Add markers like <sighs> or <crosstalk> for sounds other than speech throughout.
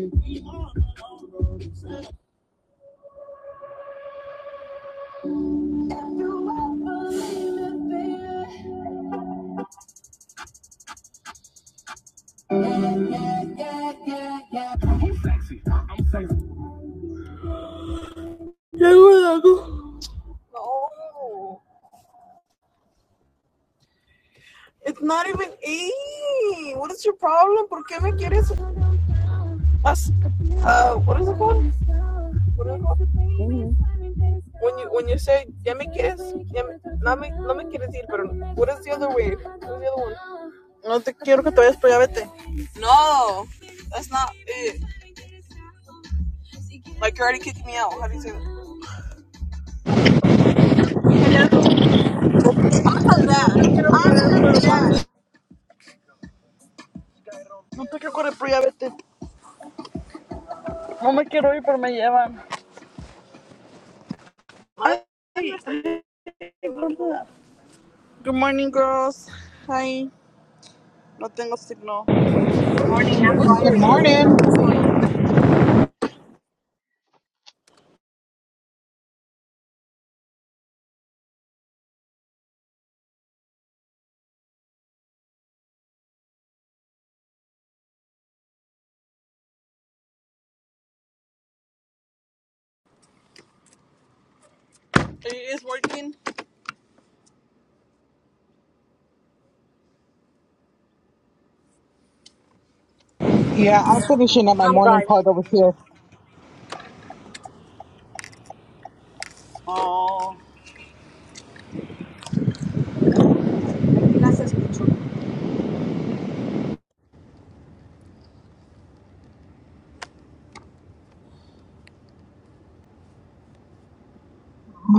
No. It's not even E. What is your problem? ¿Por qué me quieres? as- Uh, what is it called? What is it called? When you when you say ya me quieres, ya me, no me no me quieres ir, pero what is the other way? What is the other one? No te quiero que te vayas, pero ya vete. No, that's not it. Like you already kicked me out. How do you say that? I'm telling dad. No te quiero correr, pero ya vete. No me quiero ir, pero me llevan. Ay, Good morning, girls. Hi. No tengo signo. What's Good your morning. deal? It is working. Yeah, I'm finishing up my I'm morning part driving. over here. Oh.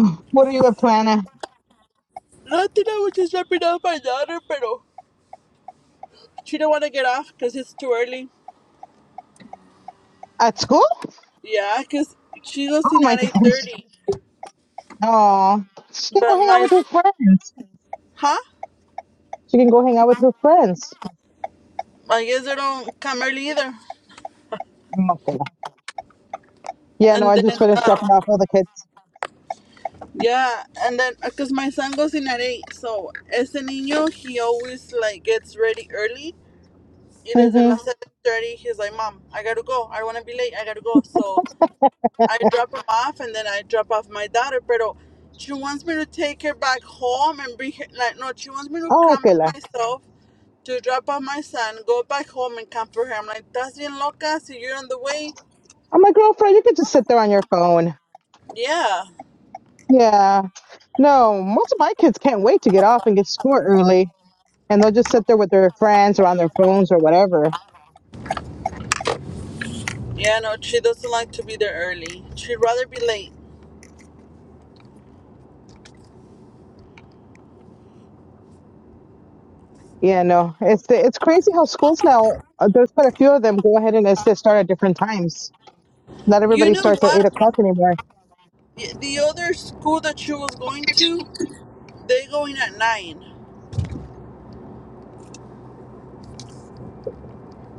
<sighs> What are you up to, Anna? Nothing. I was just wrapping up my daughter, pero she don't want to get off because it's too early. At school? Yeah, because she goes Oh in my <laughs> at gosh. 8.30. Oh, she can But go hang out my... with her friends. Huh? She can go hang out with her friends. I guess they don't come early either. Mm, Okay. Yeah, no, And I just then, finished um, dropping off all the kids. yeah, and then because my son goes in at 8, so as a niño, he always like gets ready early. It is the Mm-hmm. seven thirty. He's like, "Mom, I gotta go. I wanna be late. I gotta go." So I drop him off, and then I drop off my daughter. Pero she wants me to take her back home and bring her. Like, no, she wants me to Oh, come okay. la. by myself to drop off my son, go back home, and come for her. I'm like, "That's bien loca. So you're on the way." Oh, my girlfriend, you can just sit there on your phone. Yeah, Yeah. No, most of my kids can't wait to get off and get to school early. And they'll just sit there with their friends or on their phones or whatever. yeah. No, she doesn't like to be there early. She'd rather be late. Yeah, no, it's it's crazy how schools now. uh, There's quite a few of them go ahead and it's- they start at different times. Not You everybody know starts at eight what? o'clock anymore. The other school that she was going to, they go in at nine.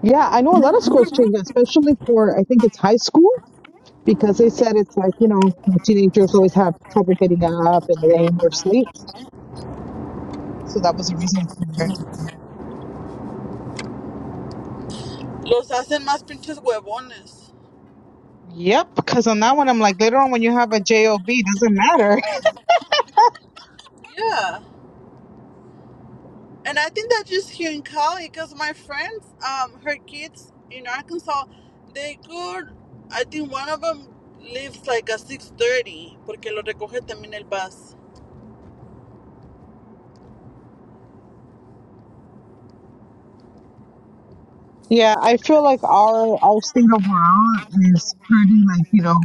Yeah, I know a lot of schools change, that, especially for I think it's high school because they said it's like you know teenagers always have trouble getting up and laying or sleep, so that was a reason for it. Los hacen más pinches huevones. Yep, because on that one I'm like later on when you have a job doesn't matter. <laughs> Yeah, and I think that's just here in Cali because my friends, um, her kids in Arkansas, they could. I think one of them leaves like at six thirty porque lo recoge también el bus. yeah, I feel like our our state overall is pretty like you know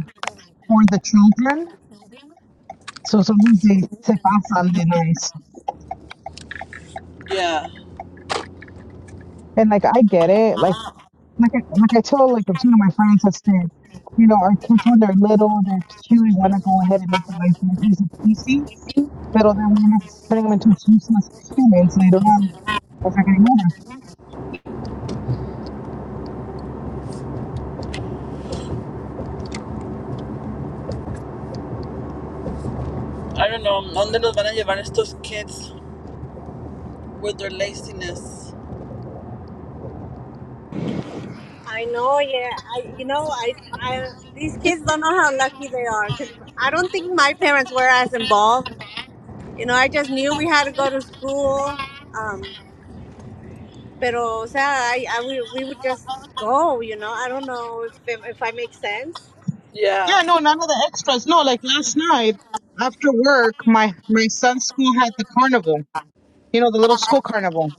for the children So sometimes they se pasan de nice. Yeah, And like I get it. Like like I, like I told like some of my friends I said, you know, our kids when they're little, they're cute, we want to go ahead and make their life feel easy peasy. But then we end up turning them into useless humans later on as I get older. I don't know dónde los van a llevar estos kids with their laziness. I know, yeah. I, you know, I, I, these kids don't know how lucky they are because I don't think my parents were as involved. You know, I just knew we had to go to school. Um, pero, o sea, I, I, we, we would just go, you know. I don't know if, if, if I make sense. Yeah, Yeah, no, none of the extras. No, like last night after work, my my son's school had the carnival. You know, the little school carnival.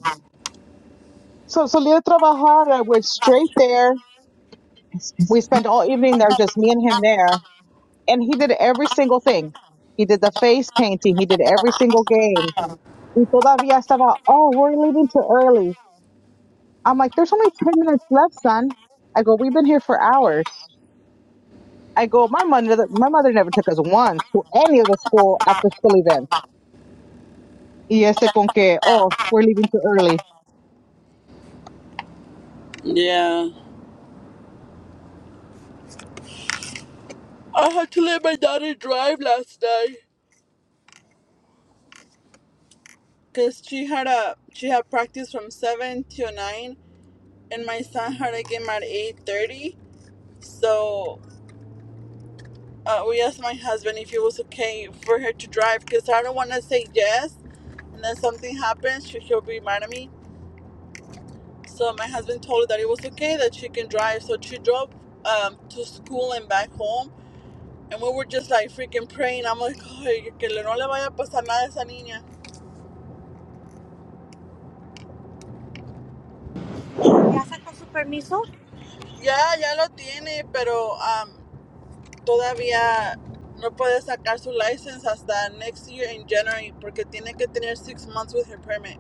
So so a trabajar. I went straight there. We spent all evening there, just me and him there and he did every single thing. He did the face painting. He did every single game. Y todavía estaba, oh, we're leaving too early. I'm like, there's only 10 minutes left, son. I go, we've been here for hours. I go, my mother, my mother never took us once to any of the school after school events. Y este con que, oh, we're leaving too early. yeah. I had to let my daughter drive last night because she had a she had practice from seven to nine, and my son had a game at eight thirty. So uh, we asked my husband if it was okay for her to drive because I don't want to say yes and then something happens, she, she'll be mad at me. So my husband told her that it was okay that she can drive. So she drove um, to school and back home. And we were just like freaking praying. I'm like, Ay, que le- no le vaya a pasar nada a esa niña. ¿Ya sacó su permiso? Ya, ya lo tiene, pero um, todavía no puede sacar su license hasta next year in January porque tiene que tener six months with her permit.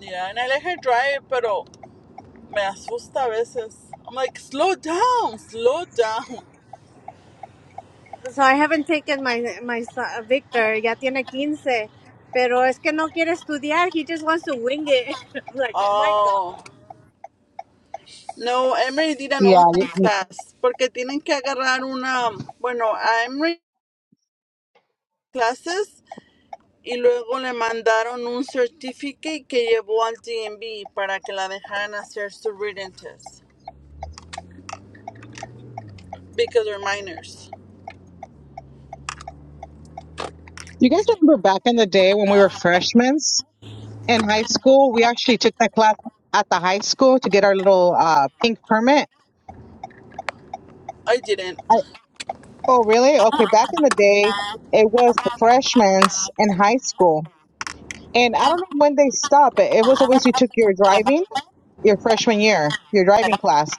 Yeah, and I let her drive, but. Me asusta a veces. I'm like, slow down, slow down. So I haven't taken my, my son, Victor. Ya tiene quince, Pero es que no quiere estudiar. He just wants to wing it. <laughs> I'm like, oh my God. Oh, no, Emory did an Yeah. You online mm. class porque tienen que agarrar una, bueno, a Emory clases y luego le mandaron un certificate que llevó al DMV para que la dejaran hacer su reading test because they're minors. you guys remember back in the day when we were freshmen in high school, we actually took that class at the high school to get our little uh, pink permit. I didn't. Oh, really? Okay. Back in the day, it was the freshmen's in high school. And I don't know when they stopped. It it was always you took your driving, your freshman year, your driving class.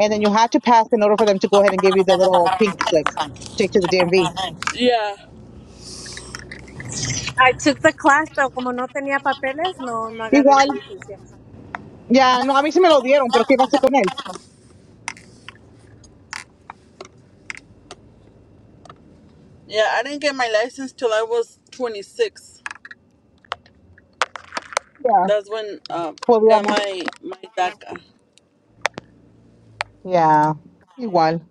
And then you had to pass in order for them to go ahead and give you the little pink slip to take to the DMV. Yeah. I took the class, pero como no tenía papeles, no, no agarré la Igual, licencia. ya, no, a mí se me lo dieron, pero ¿qué iba con él? Yeah, I didn't get my license till I was 26. Yeah, That's when uh, I got podíamos. my, my DACA. Yeah, igual.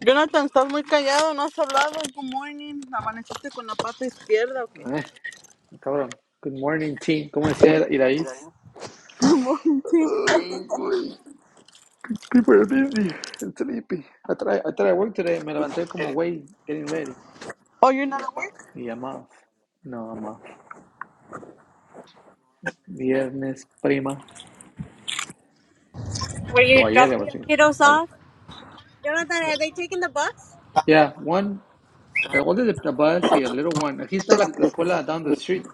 Jonathan, estás muy callado, no has hablado. Good morning. ¿Amaneciste con la pata izquierda o qué? Eh, cabrón. Good morning, team. ¿Cómo decía Iraís? Ay, güey. People are busy and sleepy. I try, I try to work today. Me levanté como, güey, getting ready. Oh, you're not awake? Y I'm off. No, I'm off. Viernes, prima. Were you O ayer, le voy a dropping your decir. kiddos Ayer. off? Jonathan, are they taking the bus? Yeah, one. The older the, bus, y el little one. Aquí está la, la escuela down the street.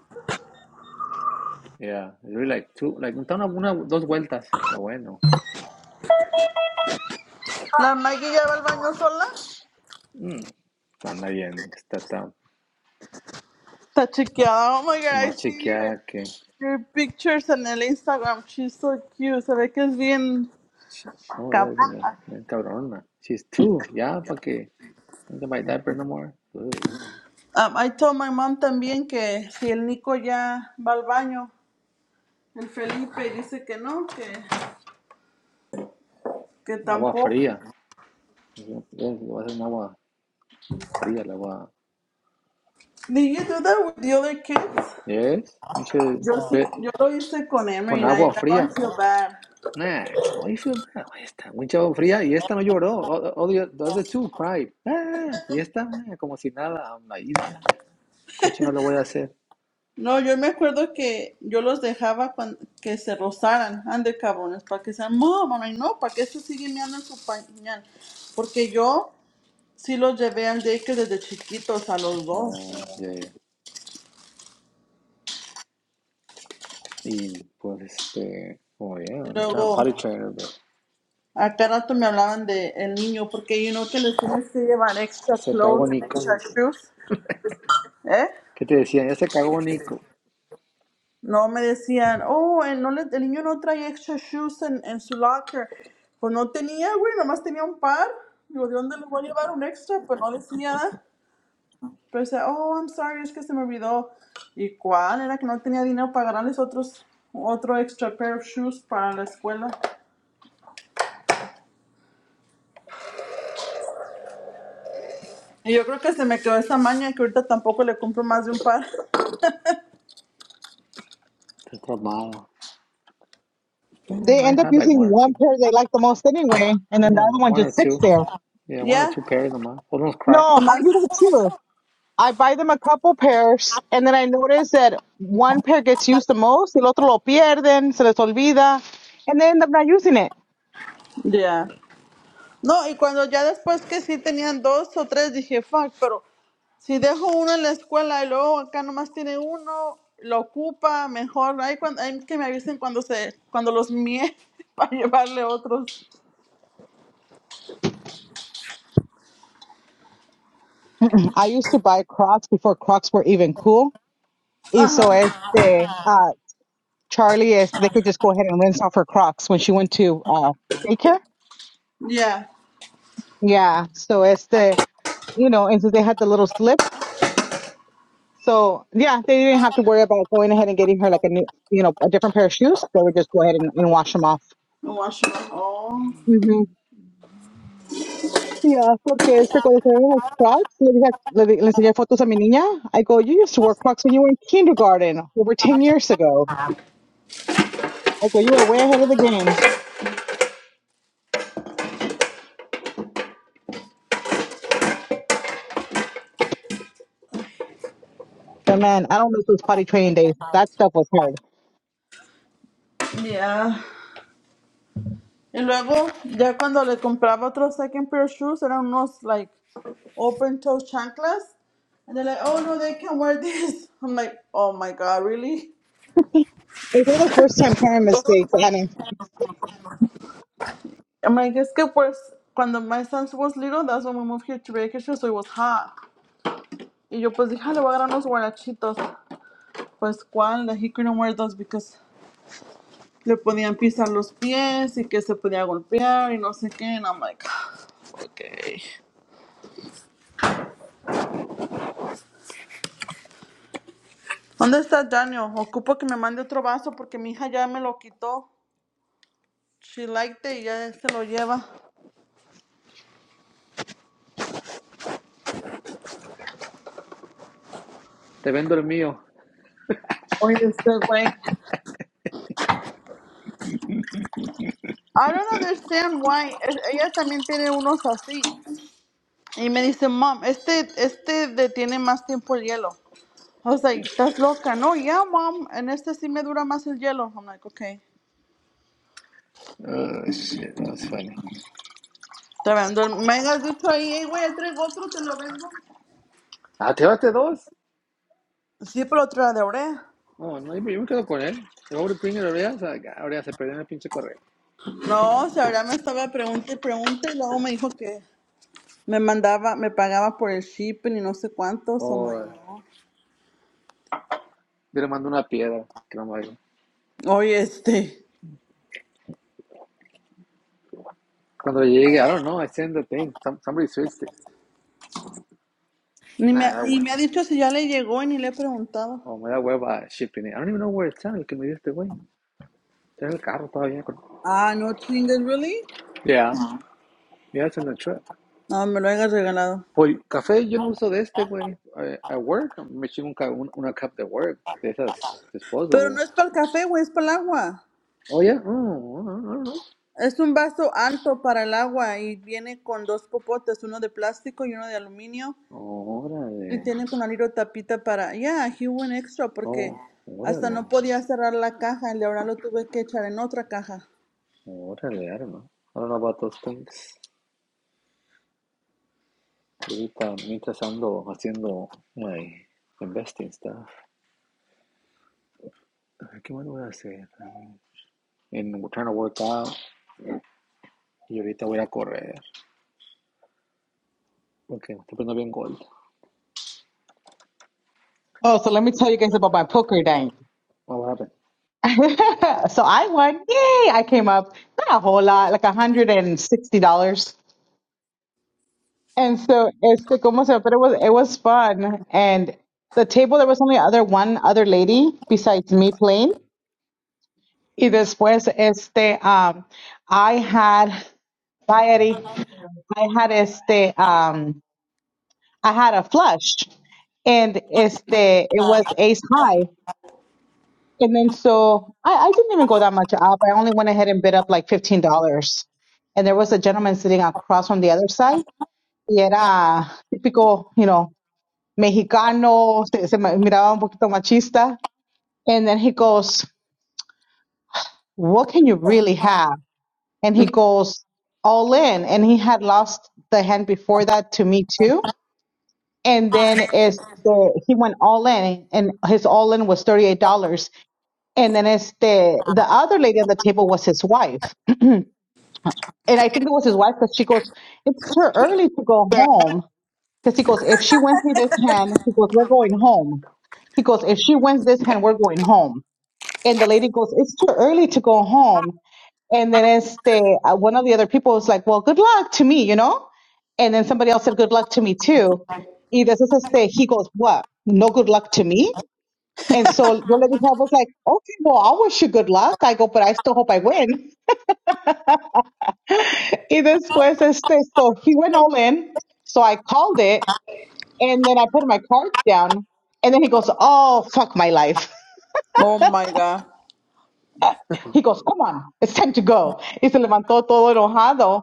Yeah, it's really like two, like, está una, una- dos vueltas. Lo bueno. ¿La Maggie ya va al baño sola? Mm, anda yendo. Está tan Está chequeada. Oh my god, I más see your, chequeada que your pictures en el Instagram. She's so cute. Se ve que es bien She, oh, yeah, capaz. me, me cabrona. She's two, ya, para que. Ain't my diaper no more. Ugh. Um, I told my mom también que si el Nico ya va al baño, el Felipe dice que no, que, que Agua tampoco. fría. Yes, le voy a hacer un agua fría, la agua. Did you do that with the other kids? Yes, pinche. Yo, sí- pe- yo lo hice con Emery Con and I, agua now I fría. feel bad. Nah, how you feel bad? Ahí está, mucha agua fría y esta no lloró. O- o- the, the other two cried. Ah, y esta, nah, como si nada, la isla. ¿Cómo chingados lo voy a hacer? No, yo me acuerdo que yo los dejaba cuan- que se rozaran, ande cabrones, para que sean, no, mamá, y no, para que estos siguen meando en su pañal. Porque yo sí los llevé al daycare desde chiquitos, a los dos. Oh, yeah, yeah. Y pues este, oh yeah, Y I'm trying to luego, potty train her, but a cada rato me hablaban de el niño, porque yo know que les tienes que llevar extra se cagó clothes and Nico. extra shoes, ¿eh? ¿Qué te decían? Ya se cagó Nico. No, me decían, oh, el, no le- el niño no trae extra shoes en, en su locker. Pues no tenía, güey, nomás tenía un par. Digo, ¿de dónde le voy a llevar un extra? Pues no decía. nada. Pero decía, oh, I'm sorry, es que se me olvidó. ¿Y cuál? Era que no tenía dinero para ganarles otros, otro extra pair of shoes para la escuela. Y yo creo que se me quedó esa maña que ahorita tampoco le compro más de un par. Estás traumado. No, ya They end might up have like using one or one two. pair they like the most anyway, and then the No, no, other one one or just sits two. there. Yeah, one or two Ya, pairs nomás. O unos No, I cracks. nomás. do that too. I buy them a couple pairs, and then I notice that one pair gets used the most, el otro lo pierden, se les olvida, and they end up not using it. Ya. No, y cuando ya después que sí tenían dos o tres, dije, fuck, pero si dejo uno en la escuela y luego acá nomás tiene uno, lo ocupa mejor. Ahí, cuando, ahí que me avisen cuando se, cuando los mie <laughs> para llevarle otros. I used to buy Crocs before Crocs were even cool. Y so este, uh, Charlie, este, they could just go ahead and rinse off her Crocs when she went to uh, daycare. Ya, Yeah, so este, you know, and so they had the little slip. So yeah, they didn't have to worry about going ahead and getting her like a new, you know, a different pair of shoes. They would just go ahead and, and wash them off. no Washington. Oh, Yeah, porque este, cuando se ven los Crocs, le, dije, le, di- le enseñé fotos a mi niña. I go, you used to wear Crocs when you were in kindergarten over 10 years ago. I go, you were way ahead of the game. But man, I don't miss those potty training days. That stuff was hard. ya. Y luego, ya cuando le compraba otros second pair of shoes, eran unos, like, open toe chanclas. And they're like, oh no, they can wear this. I'm like, oh my god, really? Those are the first time parent mistakes. And I'm like, es que pues cuando my son was little, that's when we moved here to Vacation, so it was hot. Y yo pues dije, "Ah, le voy a dar unos guarachitos. Pues cuál, that he couldn't wear those because le podían pisar los pies y que se podía golpear y no sé qué. And I'm like, <sighs> okay. ¿Dónde está Daniel? Ocupo que me mande otro vaso porque mi hija ya me lo quitó. She liked it y ya se lo lleva. Te vendo el mío. Oye, este güey. I don't understand why. Eh, Ella también tiene unos así. Y me dice, mom, este, este detiene más tiempo el hielo. I was like, estás loca. No, yeah, mom, en este sí me dura más el hielo. I'm like, okay. Oh, shit, that was funny. Te vendo el, me has dicho ahí, "Ey, güey, traigo otro, te lo vendo. Ah, ¿te llevaste dos? Sí, pero otra de Orea. No, no, yo me quedo con él. El pobre Pinger Orea, o se perdió en el pinche correo. No, o sea, ahora me estaba pregunta y pregunta y luego me dijo que me mandaba, me pagaba por el shipping y no sé cuántos. I'm like, O yo no. le mando una piedra, que no me Oye, este, Cuando llegue, I don't know, I send the thing. Some, somebody switched it. ni Nah, me, that ni one. me ha dicho si ya le llegó y ni le he preguntado. Oh, me da hueva shipping it. I don't even know where it's at, el que me dio este güey. Está en el carro todavía. creo. Ah, no chingues, ¿really? Yeah. Yeah, it's in the truck. No, me lo hayas regalado. Pues café yo no uso de este, güey. A, a work, me chingo un ca- un- una cup de work, de esas Pero disposable. no es para el café, güey, es para el agua. Oh, ya. Oh, no, no, no. Es un vaso alto para el agua y viene con dos popotes, uno de plástico y uno de aluminio. Y Órale. tiene con la little tapita para... Ya, aquí hubo un extra porque Oh, hasta órale. no podía cerrar la caja y ahora lo tuve que echar en otra caja. Órale, I don't know. I don't know about those things. Ahorita, mientras ando haciendo my investing stuff. A ver, ¿Qué más voy a hacer? En trying to work out. Y ahorita voy a correr. Porque me estoy poniendo bien gold. oh, so let me tell you guys about my poker night. Oh, What happened? <laughs> so I won. Yay! I came up not a whole lot, like $160. And so it's the como se, but it was it was fun. And the table there was only other one other lady besides me playing. Y después este um I had bye Eddie. I had este um I had a flush and este it was ace high. And then so I, I didn't even go that much up. I only went ahead and bid up like fifteen dollars. And there was a gentleman sitting across from the other side. Y era típico, you know, mexicano, se, se ma- miraba un poquito machista. And then he goes, What can you really have? And he goes, All in. And he had lost the hand before that to me too. And then este, he went all in, and his all in was $38. And then este, the other lady at the table was his wife. And I think it was his wife because she goes, It's too early to go home. Because he goes, If she wins me this hand, he goes, We're going home. He goes, If she wins this hand, we're going home. And the lady goes, It's too early to go home. And then este, uh, one of the other people was like, Well, good luck to me, you know? And then somebody else said, Good luck to me too. Y después este, he goes, What? No good luck to me? And so yo le dije, I was like, Okay, well, I wish you good luck. I go, But I still hope I win. <laughs> Y después este, so he went all in. So I called it and then I put my cards down. And then he goes, Oh, fuck my life. Oh, my God. He goes, Come on, it's time to go. Y se levantó todo enojado.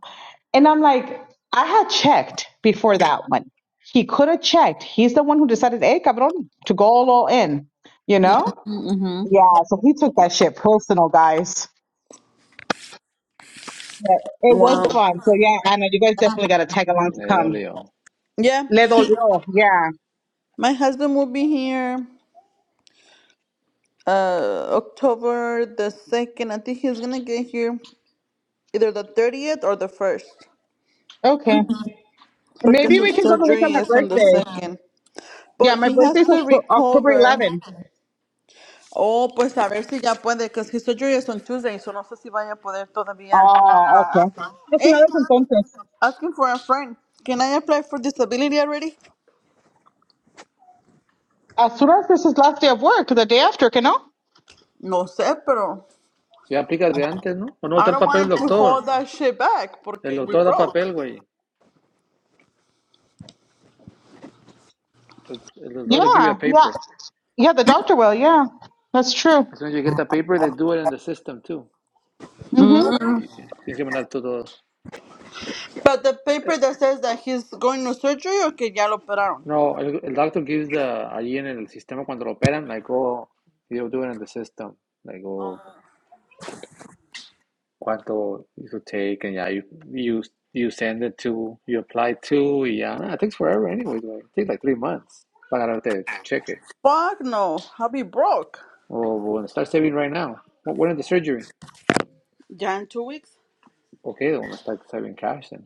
And I'm like, I had checked before that one. He could have checked. He's the one who decided, hey, cabrón, to go all, all in, you know? Mhm. Yeah, so he took that shit personal, guys. But it was Wow. fun. So, yeah, Anna, you guys definitely got to tag along to Le come. dolió. Yeah, Le he, dolió. Yeah. my husband will be here uh, October the second. I think he's going to get here either the thirtieth or the first. Okay. Porque Maybe su we can go the week of surgery my es on the birthday. second. Yeah, But my he has birthday's to Octo- October recover. 11. Oh, pues a ver si ya puede, because his surgery is on Tuesday, so no sé si vaya a poder todavía. Oh, okay. That's the Hey, other entonces. asking for a friend. Can I apply for disability already? As soon as this is last day of work, the day after, you know? No sé, pero Ya aplicas de antes, ¿no? ¿O no está I el don't papel want del him to doctor? hold that shit back El porque we doctor da broke. papel, güey. El doctor will give you a Yeah, yeah. paper. Yeah, the doctor will, yeah. That's true. As soon as you get the paper, they do it in the system too. Mm. hmm Y tienes tienes que mandar todos. But the paper that says that he's going to surgery or que ya lo operaron. No, el, el doctor gives the, allí en el sistema cuando lo operan, like, oh, you do it in the system. Like, oh, cuánto you take, and yeah, you, you, you send it to, you apply to, y ya. Nah, it takes forever anyways, güey. It takes like three months para agarrarte cheque. Fuck no, I'll be broke. Oh, bueno, start saving right now. When when is the surgery? Ya in two weeks. Okay, they want to start saving cash then.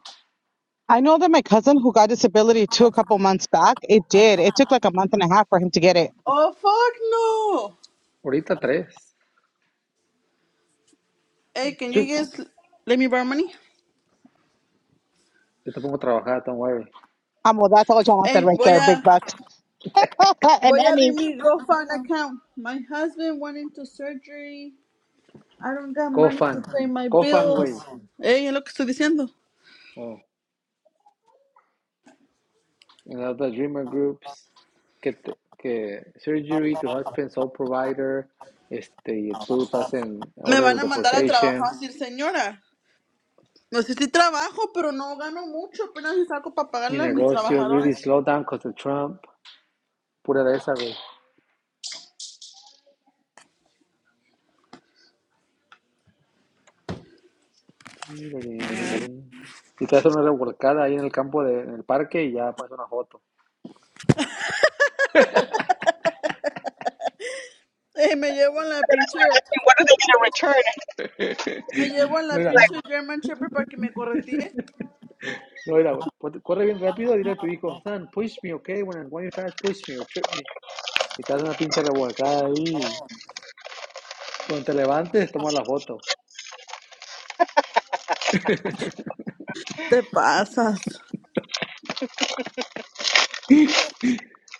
I know that my cousin who got disability too a couple months back, it did. It took like a month and a half for him to get it. Oh fuck no. Ahorita tres. Hey, can you Two. guys let me borrow money? Yo te pongo a trabajar, don't worry. Um, well, that's all Jonathan Hey, right voy there, big a bucks. <laughs> and voy a abrir Emmy. mi GoFund account. My husband went into surgery. I don't got money to Cofan, pay my Cofan, bills. güey. Hey, es lo que estoy diciendo. Oh, and all the dreamer groups. Que, te- que surgery, tu husband, sole provider. Este, tú estás en Me order van of a mandar a deportation. trabajar, decir señora. No sé si trabajo, pero no gano mucho. Apenas me saco para Mi pagarle a mis negocio, really trabajadores. slow down because of Trump. Pura de esa, güey. Y te haces una revolcada ahí en el campo, de, en el parque y ya pones una foto. Hey, me llevo a la pinche, What are they going to return? me llevo a No la era, pinche German Shepherd para que me corretee. no era, güey. Corre bien rápido, dile a tu hijo, son, push me, okay? When I'm going fast, push me or trip me. Y te haces una pinche revolcada ahí. Cuando te levantes, toma la foto. Te pasas.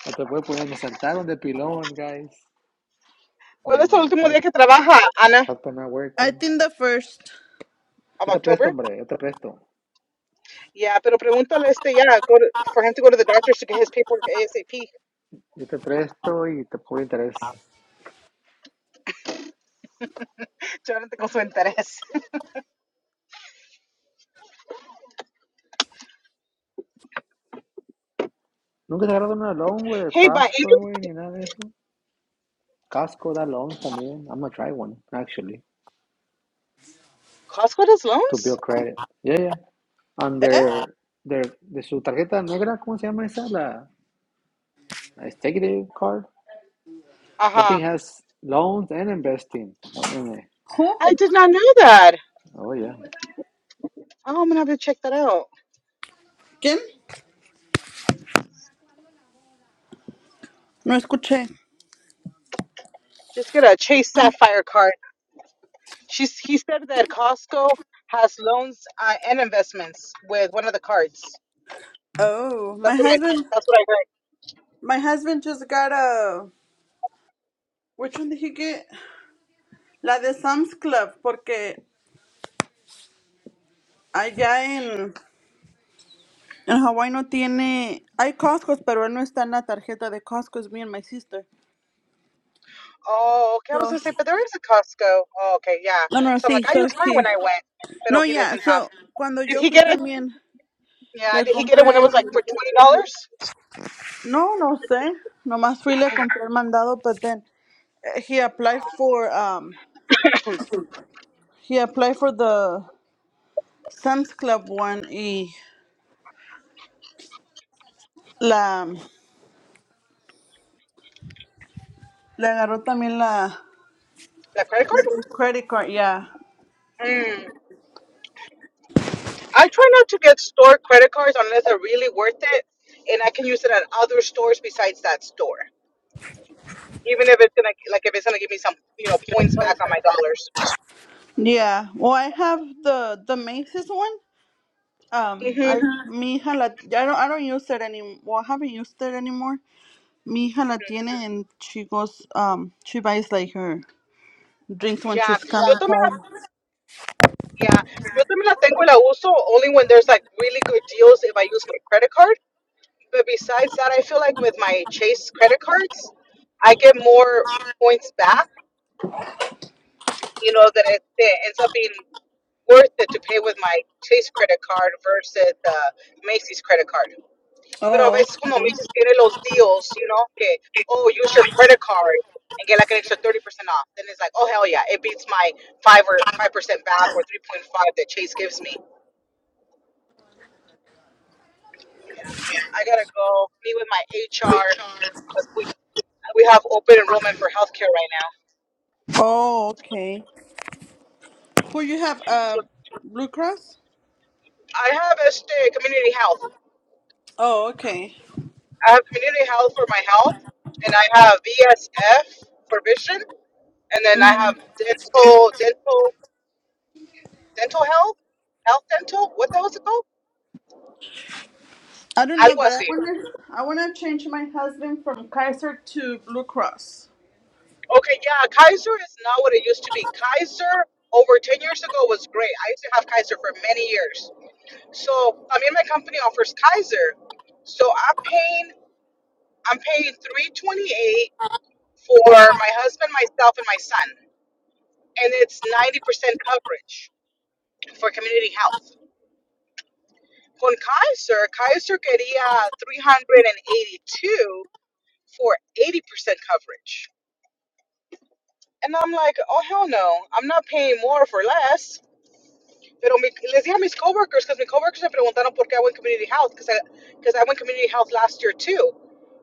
No te puedes poner, me saltaron de pilón, guys. Well, My, es el my último hus- día que trabaja, Ana? husband not I working. think the first. Of Yo te presto, October? hombre, yo te presto. Yeah, pero pregúntale este, yeah, go to, for him to go to the doctors to get his paperwork ASAP. Yo te presto y te pongo interés. Tengo interés. Nunca te agarraron una loan, güey, de Hey, but Prosper, güey, ni nada de eso. Casco da loans también. I'm gonna try one, actually, Costco does to loans? build credit. Yeah, yeah. under their, de su tarjeta negra, ¿cómo se llama esa? La la executive card. Uh That huh. thing has loans and investing. in it. Who? I did not know that. Oh, yeah. Oh, I'm gonna have to check that out. ¿Quién? No escuché. Just get a Chase Sapphire card. She's he said that Costco has loans uh, and investments with one of the cards. Oh, my That's what I. husband, That's what I heard. my husband just got a. Which one did he get? La de Sam's Club, porque allá en en Hawái no tiene. Hay Costco, pero él no está en la tarjeta de Costco. Es me and my sister. Oh, okay, I was So, Costco. Oh, okay, yeah. no, no, So I'm sí, like, I so used mine he- when I went, but No, he ya, doesn't have. so cuando Did yo he fui get it? también Yeah, le did he get it when compré. it was like for twenty dollars? No, no sé. Nomás fui y le compré el mandado, but then eh, he applied for um he applied for the Sam's Club one y la Le agarró también la That credit card? the credit card, yeah. Mm. I try not to get store credit cards unless they're really worth it and I can use it at other stores besides that store. Even if it's gonna like if it's gonna give me some you know points back on my dollars. Yeah. Well, I have the the Macy's one. Um, I Mhm. Ujú. mi hija la I don't I don't use it anymore. Well, I haven't used it anymore. Mi hija la tiene and she goes um she buys like her drinks when Yeah. she's Yo coming también la, home. yeah. Yo también la tengo y la uso only when there's like really good deals if I use my credit card. But besides that, I feel like with my Chase credit cards, I get more points back. You know that it, it ends up being worth it to pay with my Chase credit card versus the Macy's credit card. pero a Oh, veces como me okay. dices, tiene los deals, you know, que, oh, use your credit card and get like an extra 30% off. Then it's like, oh, hell yeah, it beats my 5 or 5% back or 3.5 that Chase gives me. I gotta go meet with my HR because we, we have open enrollment for healthcare right now. Oh, okay. Who you have? Uh, So Blue Cross. I have este community health. Oh, okay. I have community health for my health, and I have VSF for vision, and then I hmm have dental, dental, dental health, health dental. What the hell is it called? I don't know, Algo but I así. wanna I wanna change my husband from Kaiser to Blue Cross. Okay, yeah, Kaiser is not what it used to be. Kaiser over 10 years ago was great. I used to have Kaiser for many years. So, I mean, my company offers Kaiser. So I'm paying, I'm paying 328 for my husband, myself, and my son. And it's 90% coverage for community health. Con Kaiser, Kaiser quería 382 for 80% coverage. And I'm like, oh, hell no, I'm not paying more for less. Pero mi- les dije a mis coworkers, because mis coworkers me preguntaron por qué I went community health, because I, 'cause I went community health last year too.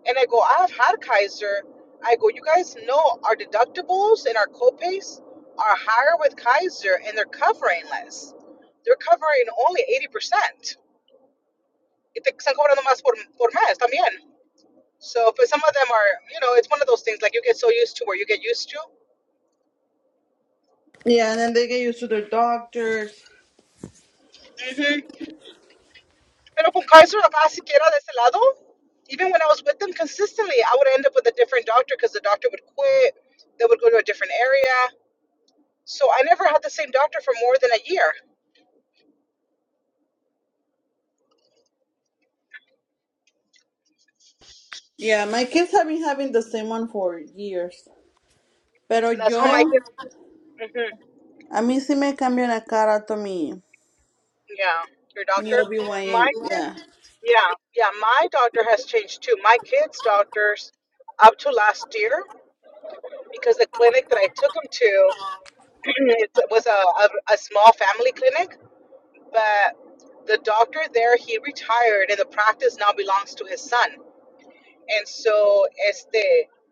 And I go, I've had Kaiser. I go, you guys know our deductibles and our copays are higher with Kaiser and they're covering less. They're covering only 80%. Y te están cobrando más por, por mes también. So, but some of them are, you know, it's one of those things like you get so used to where you get used to. Yeah, and then they get used to their doctors. Mhm. Pero con Kaiser Abaciquera de ese lado, even when I was with them consistently, I would end up with a different doctor because the doctor would quit. They would go to a different area. So I never had the same doctor for more than a year. Yeah, my kids have been having the same one for years. Pero And that's how my yo, kids. hmm a mí sí me cambian la cara to mi, Yeah, your mi doctor. OBYN. My Yeah. kids. Yeah, yeah. My doctor has changed too. My kids' doctors, up to last year, because the clinic that I took them to, <clears throat> it was a, a, a small family clinic But the doctor there, he retired, and the practice now belongs to his son. And so, este,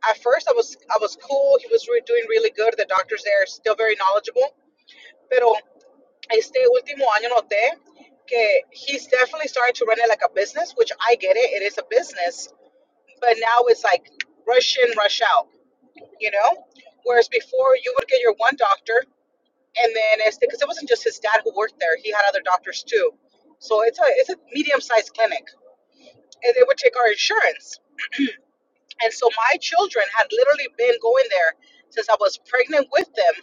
at first I was I was cool. He was re- doing really good. The doctors there are still very knowledgeable. Pero este último año noté que he's definitely starting to run it like a business, which I get it. It is a business, but now it's like rush in, rush out. You know, whereas before you would get your one doctor and then it's because it wasn't just his dad who worked there; he had other doctors too. So it's a it's a medium sized clinic, and they would take our insurance. And so my children had literally been going there since I was pregnant with them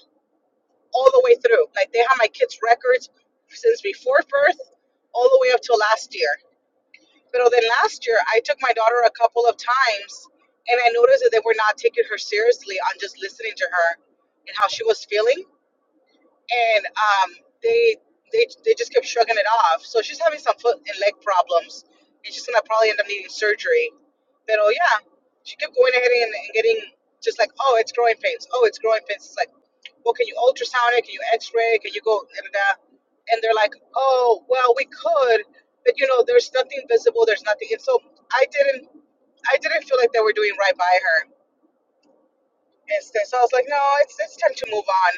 all the way through. Like they had my kids' records since before birth, all the way up till last year. But then last year, I took my daughter a couple of times, and I noticed that they were not taking her seriously on just listening to her and how she was feeling and um, they they they just kept shrugging it off. So she's having some foot and leg problems, and she's gonna probably end up needing surgery. But oh yeah, she kept going ahead and, and getting just like oh it's growing pains, oh it's growing pains. It's like well can you ultrasound it? Can you X-ray? Can you go da, da, da. And they're like oh well we could, but you know there's nothing visible, there's nothing. And so I didn't I didn't feel like they were doing right by her. And so so I was like no it's it's time to move on.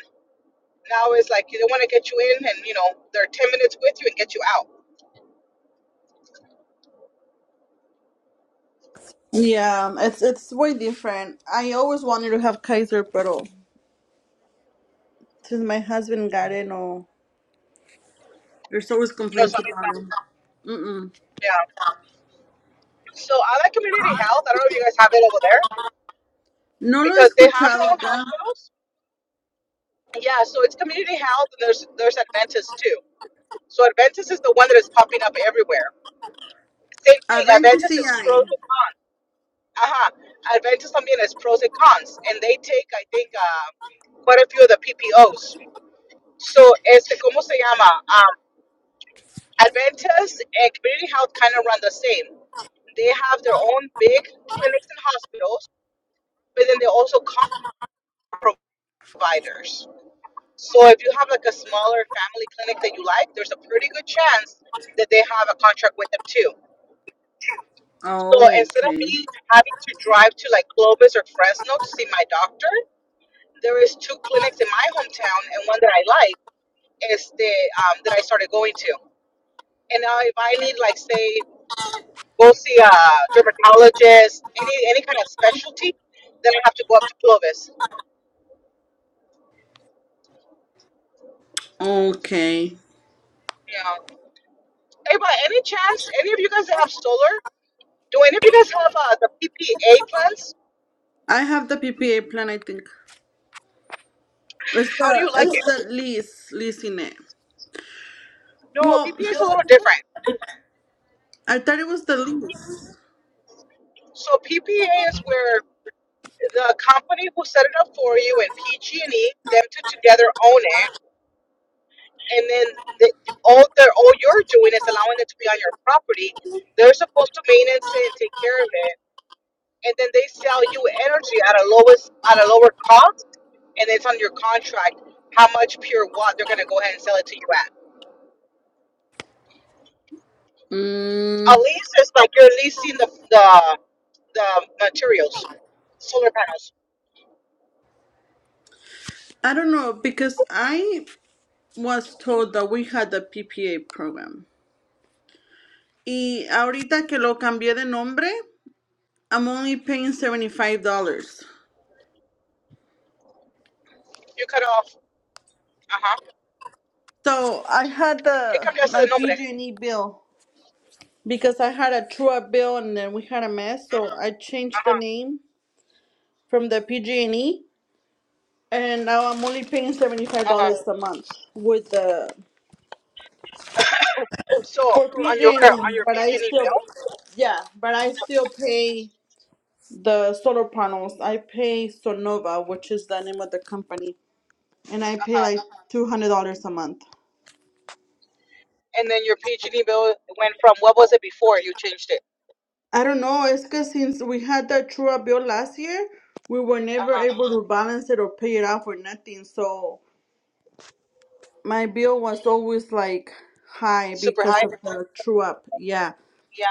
Now it's like they want to get you in and, you know, they're 10 minutes with you and get you out. Yeah, um, it's it's way different. I always wanted to have Kaiser, pero since my husband got it, no. There's always You know, so complaints it's about not, it. Mm-mm. yeah. So I like community health. I don't know if you guys have it over there No lo he because they have their escuchado own acá. hospitals. Yeah, so it's community health and there's there's Adventist too. So Adventist is the one that is popping up everywhere. Same A thing, ver si Adventist sí is pros hay. and cons. Uh-huh. Adventist something is pros and cons. And they take, I think, uh, quite a few of the PPOs. So, este, ¿cómo se llama? Ah, Adventists and community health kind of run the same. They have their own big clinics and hospitals, but then they also call providers. So if you have like a smaller family clinic that you like, there's a pretty good chance that they have a contract with them too. So Oh, instead of okay. me having to drive to like Clovis or Fresno to see my doctor, there is two clinics in my hometown, and one that I like is the um, that I started going to. And now if I need like say go see a dermatologist, any any kind of specialty, then I have to go up to Clovis. Okay. Yeah. Hey, by any chance, any of you guys that have solar, do any of you guys have uh, the PPA plans? I have the PPA plan, I think. It's How do the you like it's it? the lease in it. No, Well, PPA is a little different. I thought it was the lease. So PPA is where the company who set it up for you and PG&E, them two together own it, and then the, all they all you're doing is allowing it to be on your property. They're supposed to maintenance it and take care of it and then they sell you energy at a lowest at a lower cost and it's on your contract how much pure watt they're gonna go ahead and sell it to you at. A Mm, lease is like you're leasing the the, the materials, solar panels. I don't know because I was told that we had the PPA program. Y ahorita que lo cambié de nombre, I'm only paying seventy five dollars. You cut off. Uh huh. So I had Que the cambiaste my de nombre. Uh PG&E bill because I had a true up bill and then we had a mess. So I changed the huh. name from the PG&E and E, and now I'm only paying seventy five Uh huh. dollars a month with the So for on your <laughs> PG&E, on your but I PG&E still, bill. yeah, but I still pay the solar panels. I pay Sonova, which is the name of the company, and I Uh pay huh. like two hundred dollars a month. And then your PG&E bill went from what was it before you changed it? I don't know. It's because since we had that true up bill last year, we were Uh never huh. able to balance it or pay it out for nothing. So my bill was always like high Super because high. of the true up. Yeah. Yeah.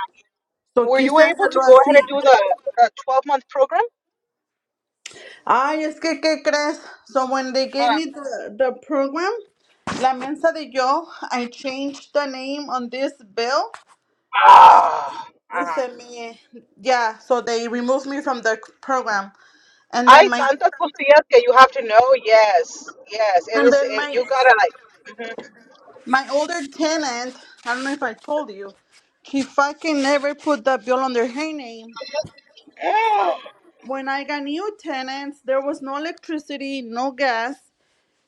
So Were quise you able to hacerlo go ahead and así. do the twelve month program? Ay, es que, ¿qué crees? So when they Huh? gave me the, the program, La Mensa de Yo, I changed the name on this bill. Ah, Y Uh-huh. se me, yeah, so they removed me from the program. And then hay my, tantas cosillas que you have to know. Yes, yes. It and is. then It, my, you gotta like. my older tenant, I don't know if I told you, she fucking never put the bill under her name. mhm. When I got new tenants, there was no electricity, no gas,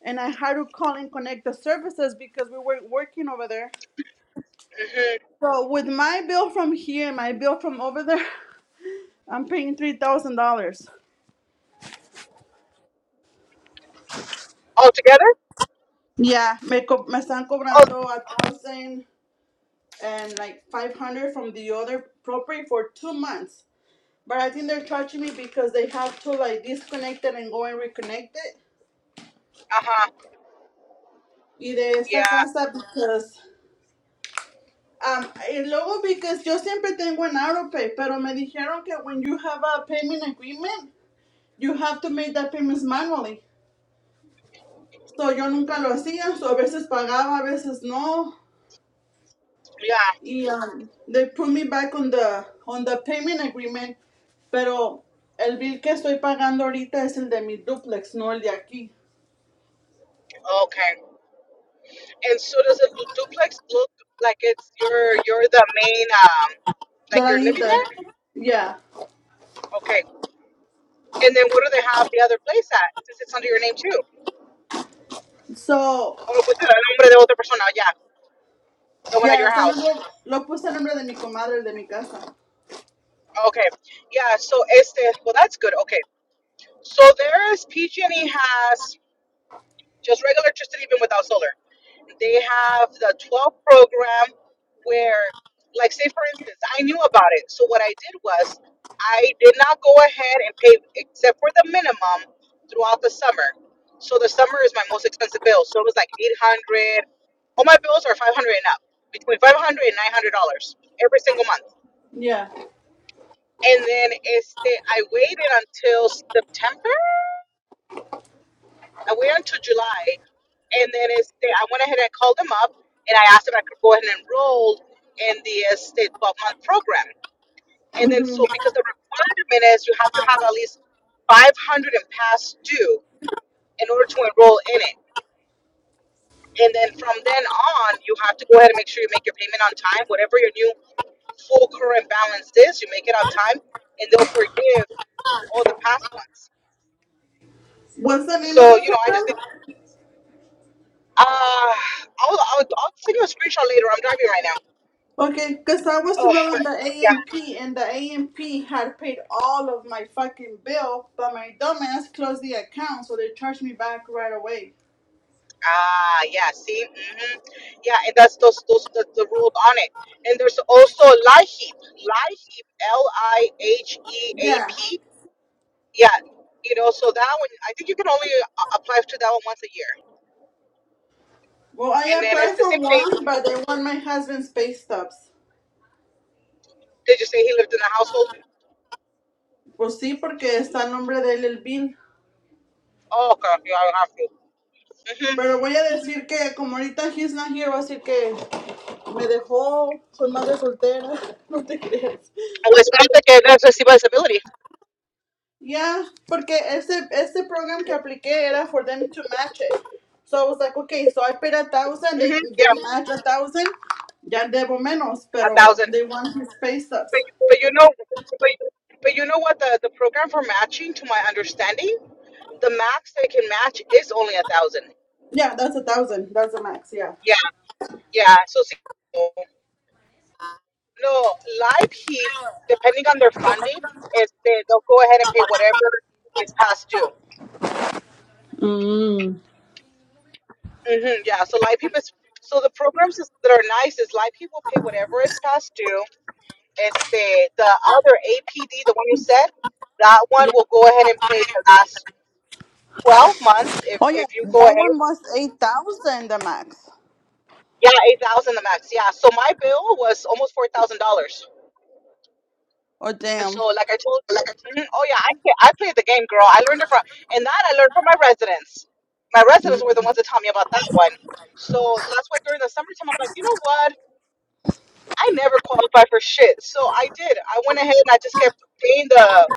and I had to call and connect the services because we were working over there. So with my bill from here, and my bill from over there, <laughs> I'm paying three thousand dollars. All together? Yeah, me, co- me están Oh, cobrando a thousand and like five hundred from the other property for two months. But I think they're charging me because they have to like disconnect it and go and reconnect it. uh huh. Y de esta Yeah, casa because um y luego because yo siempre tengo en AutoPay, pero me dijeron que when you have a payment agreement, you have to make that payments manually. So, yo nunca lo hacía, so, a veces pagaba, a veces no. yeah. Y um, they put me back on the, on the payment agreement, pero el bill que estoy pagando ahorita es el de mi duplex, no el de aquí. Okay. And so does a du- duplex look like it's you're you're the main um like That I you're live living there. there? Yeah. Okay. And then what do they have the other place at since it's under your name too? So, Oh, pues el nombre de otra persona. Yeah, the one at yeah, your está nombre, house. lo puse el nombre de mi comadre, el de mi casa. Okay. Yeah. So este. Well, that's good. Okay. So there is PG&E has just regular electricity even without solar. They have the 12 program where, like, say for instance, I knew about it. So what I did was I did not go ahead and pay except for the minimum throughout the summer. So the summer is my most expensive bill. So it was like 800. All my bills are 500 and up, between 500 and 900 dollars every single month. Yeah. And then este, I waited until September I waited until July, and then it's, they, I went ahead and called them up, and I asked if I could go ahead and enroll in the uh, state 12 month program. And then, Mhm. so because the requirement is you have to have at least 500 and past due in order to enroll in it. And then from then on, you have to go ahead and make sure you make your payment on time. Whatever your new full current balance is, you make it on time, and they'll forgive all the past ones. What's the name of So, the you know, I just program? did. Uh, I'll, I'll, I'll send you a screenshot later. I'm driving right now. Okay, because I was Oh, enrolled in the yeah. AMP and the AMP had paid all of my fucking bill, but my dumbass closed the account, so they charged me back right away. Ah, yeah. See, hmm yeah, and that's those those the, the rules on it. And there's also LIHEAP, LIHEAP, L I H E A Yeah. P. Yeah, you know, so that one I think you can only a- apply to that one once a year. Well, I And then it's applied the for same thing. one, but they want my husband's pay stubs. Did you say he lived in a household? Pues sí, porque está el nombre de él el bill. Oh, okay. Yeah, I have to. Mm-hmm. Pero voy a decir que como ahorita he's not here, voy a decir que me dejó con madre soltera. <laughs> No te creas. Well, espérate que that's reciba disability. Yeah, porque ese ese program que apliqué era for them to match it. So I was like, okay, so I paid a thousand, they Mm-hmm. they Yeah, match a thousand, ya debo menos, a pero thousand. they want his pay But, stubs. but you know, but, but you know what the the program for matching, to my understanding. the max they can match is only a thousand. Yeah, that's a thousand. That's the max. Yeah. Yeah, yeah. So see, no, live heap, depending on their funding, is they, they'll go ahead and pay whatever is past due. Mm. hmm yeah. So live heap is so the programs is, that are nice is live heap will pay whatever is past due. It's the the other APD, the one you said, that one Yeah. will go ahead and pay the last. 12 months if Oh yeah, if you go that ahead one was eight thousand the max. yeah 8000 the max yeah so my bill was almost $4000 Oh And damn. so, like I told you, mhm, oh yeah, I play- I played the game, girl. I learned it from, and that I learned from my residents. My residents were the ones that taught me about that one. So that's why during the summertime, I'm like, you know what? I never qualified for shit. So I did. I went ahead and I just kept paying the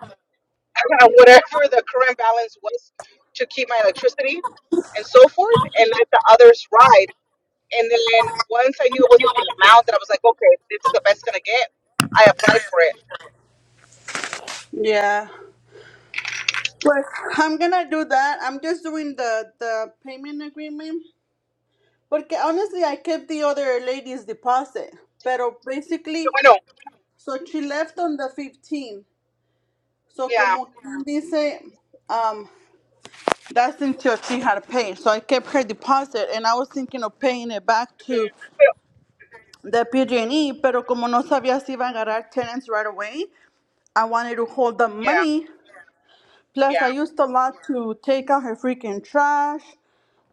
<laughs> whatever the current balance was to keep my electricity and so forth, and let the others ride. And then once I knew it was a good amount, that I was like, okay, this is the best gonna get. I applied for it. Yeah. But I'm gonna do that. I'm just doing the the payment agreement. Porque honestly, I kept the other lady's deposit. Pero So basically. I know. So she left on the 15th. So Yeah. como quien dice, um, that's until she had paid. So I kept her deposit and I was thinking of paying it back to the PG&E, pero como no sabía si iba a agarrar tenants right away, I wanted to hold the Yeah. money. Plus, Yeah. I used a lot to take out her freaking trash,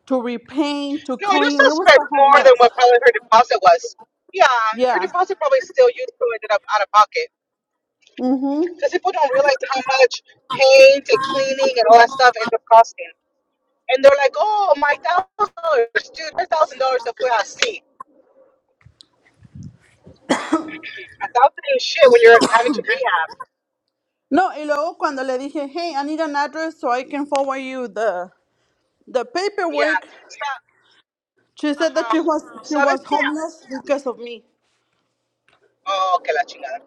to repaint, to No, you clean. still It was spent a whole more than mess. what probably her deposit was. Yeah, her Yeah. deposit probably still you still ended up out of pocket Mhm. because people don't realize how much paint and cleaning and all that stuff ends up costing. And they're like, "Oh, my thousand dollars, dude, my thousand dollars fue así." A thousand ain't shit when you're having to rehab. No, y luego cuando le dije, hey, I need an address so I can forward you the the Yeah, paperwork, stop. She Uh said that huh. she was she was Sabes qué? homeless because of me. Oh, que la chingada.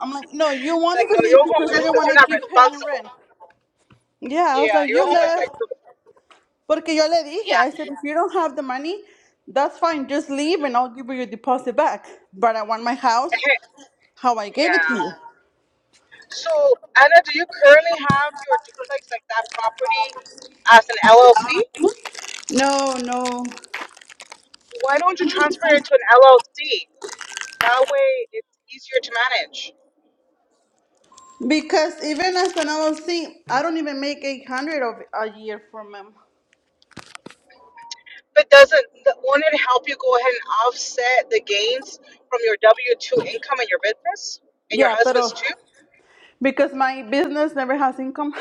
I'm like, no, you It's wanted like no, to leave you're because you homeless didn't because want you're to not keep paying rent. responsible. Yeah, I was Yeah, like, you're you homeless by left. Porque yo le dije, Yeah, I said, if you don't have the money, that's fine. Just leave and I'll give you your deposit back. But I want my house how I <laughs> gave it yeah. to you. So, Anna, do you currently have your duplex, like that property, as an LLC? No, no. Why don't you transfer it into an LLC? That way it's easier to manage. Because even as an LLC, I don't even make 800 of a year from them. But doesn't th- won't it help you go ahead and offset the gains from your W two income and your business and your Yeah, husband's pero too? because my business never has income.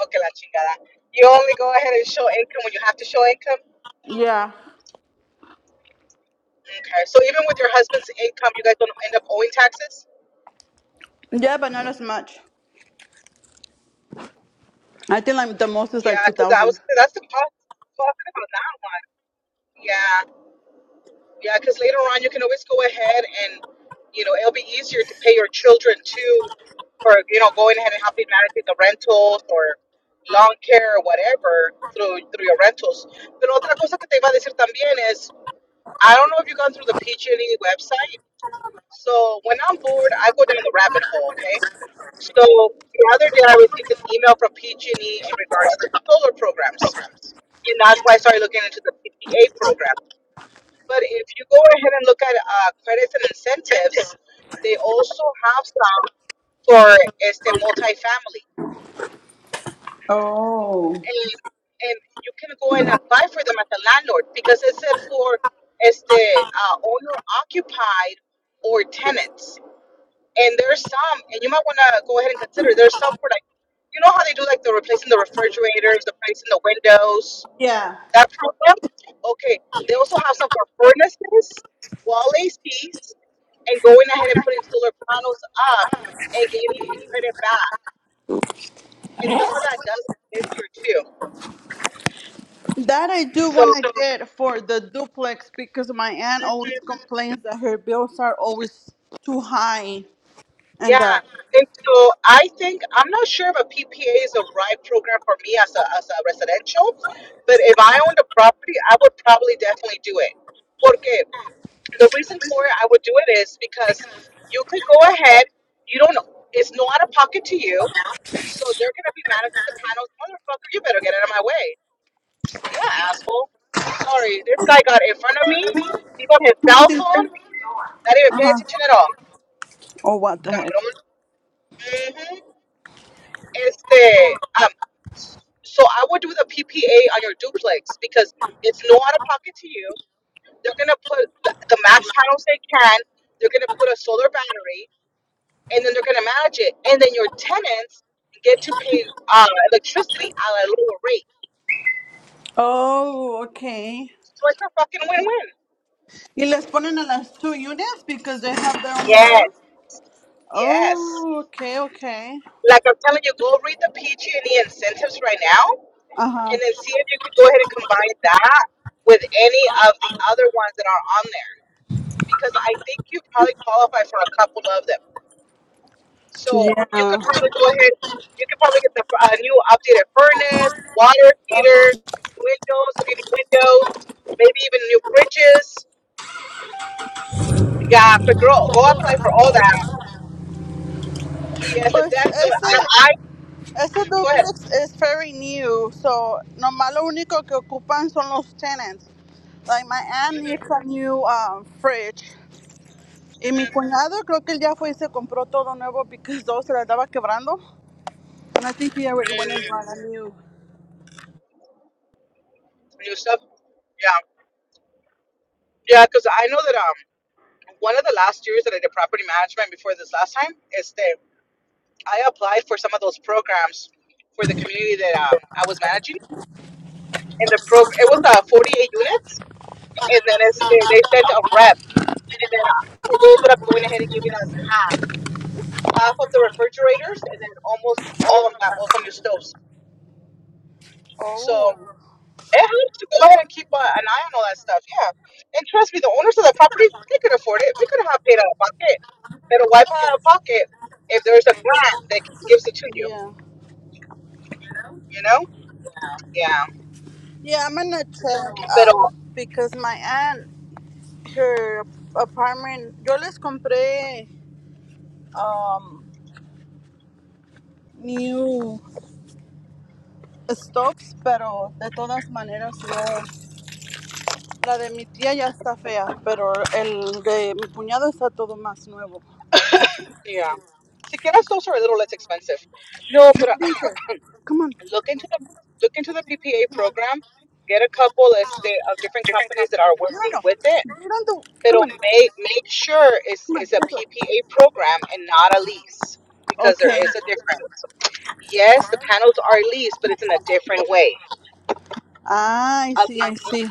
Okay, la chingada. You only go ahead and show income when you have to show income. Yeah. Okay, so even with your husband's income, you guys don't end up owing taxes. Yeah, but not as much. I think like the most is Yeah, like because I was 2000. that's the pos- positive on that. Yeah. Yeah, because later on you can always go ahead and, you know, it'll be easier to pay your children too for, you know, going ahead and helping managing the rentals or lawn care or whatever through through your rentals. Pero otra cosa que te iba a decir también is, I don't know if you've gone through the PG&E website. So when I'm bored, I go down the rabbit hole, okay? So the other day I received an email from PG&E in regards to solar programs. And that's why I started looking into the PPA program. But if you go ahead and look at uh, credits and incentives, they also have some for este multifamily, Oh. and and you can go and apply for them as a landlord because it's said for este uh, owner occupied or tenants, and there's some, and you might want to go ahead and consider there's some for like you know how they do like the replacing the refrigerators, the replacing the windows, Yeah. that program. Okay, they also have some for furnaces, wall ACs. and going ahead and putting solar panels up and getting a credit back. And some of that does appear too. That I do So want to get for the duplex because my aunt always mhm, complains that her bills are always too high and yeah. uh And so I think I'm not sure if a PPA is the right program for me as a as a residential, but if I owned a property, I would probably definitely do it. Porque the reason for it I would do it is because you could go ahead, you don't it's no out of pocket to you. So they're gonna be managing the panels. Motherfucker, you better get out of my way. Yeah, asshole. Sorry, this guy got in front of me. He got his cell monthly- phone. Not even pay attention at all. oh what the heck. Cabrón. Mm-hmm. Este, um, so I would do the PPA on your duplex because it's no out of pocket to you. They're gonna put the, the max panels they can. They're gonna put a solar battery, and then they're gonna manage it. And then your tenants get to pay uh, electricity at a lower rate. Oh, okay. So it's a fucking win-win. Y les ponen a las two units because they have their own Yes. bills. Yes. Oh, okay, okay. Like I'm telling you, go read the PG&E incentives right now, and Ajá. then see if you can go ahead and combine that with any of the other ones that are on there, because I think you probably qualify for a couple of them. So you Yeah. could probably go ahead. You could probably get the uh, new updated furnace, water heater, windows, if you need windows, maybe even new fridges. Yeah, but girl, go apply for all that. Yes, it Pues definitely. ese. I, I Este go ahead. duplex es very new, so nomás lo único que ocupan son los tenants. Like my aunt hmm needs a new um, fridge. Y mi hmm cuñado creo que él ya fue y se compró todo nuevo because dos se le estaba quebrando. And I think he already went and bought a new. New stuff. Yeah. Yeah, because I know that um one of the last years that I did property management before this last time is that I applied for some of those programs for the community that um I was managing, and the pro it was uh 48 units, and then it's, they they sent a rep, and then uh, who- they ended up going ahead and giving us half half of the refrigerators, and then almost all of them got also new stoves. So. Oh, It helps to go ahead and keep uh, an eye on all that stuff. Yeah. And trust me, the owners of the property, they could afford it. We could have paid out of pocket. It'll wipe out of pocket if there's a grant that gives it to you, yeah. you know? Yeah. Yeah, I'm gonna check Pero, um, because my aunt, her apartment, yo les compré um, new stops, pero de todas maneras no. La de mi tía ya está fea, pero el de mi cuñado está todo más nuevo. yeah. Si quieres, those are a little less expensive. No, but uh, Tinker, come on. look into the look into the PPA program. Get a couple este, of different companies that are No, working with it. no. Mirando. Pero Come on. make make sure it's, Come on. it's a This way. PPA program and not a lease because there Okay. is a difference. Yes, the panels are leased, but it's in a different way. Ay, A, sí, le- I sí.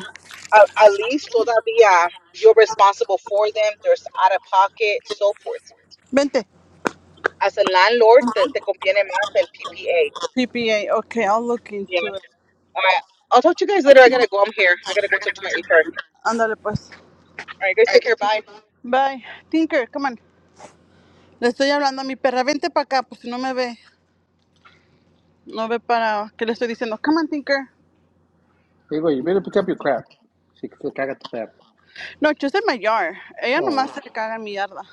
a, a lease todavía you're responsible for them. There's out of pocket, so forth. Vente. As a landlord, te, te conviene más el PPA. CPA. Okay, I'll look Yeah. into it. All right. I'll talk to you guys later. I gotta go. I'm here. I gotta go talk to my HR. Ándale, pues. All right, guys, take care. Bye. Bye. Tinker, come on. Le estoy hablando a mi perra. Vente para acá, pues si no me ve. No ve para qué le estoy diciendo. Come on, Tinker. Digo, you go. You better pick up your crap. Si se caga tu perro. No, she's in my yard. Ella nomás Oh, se caga en mi yarda.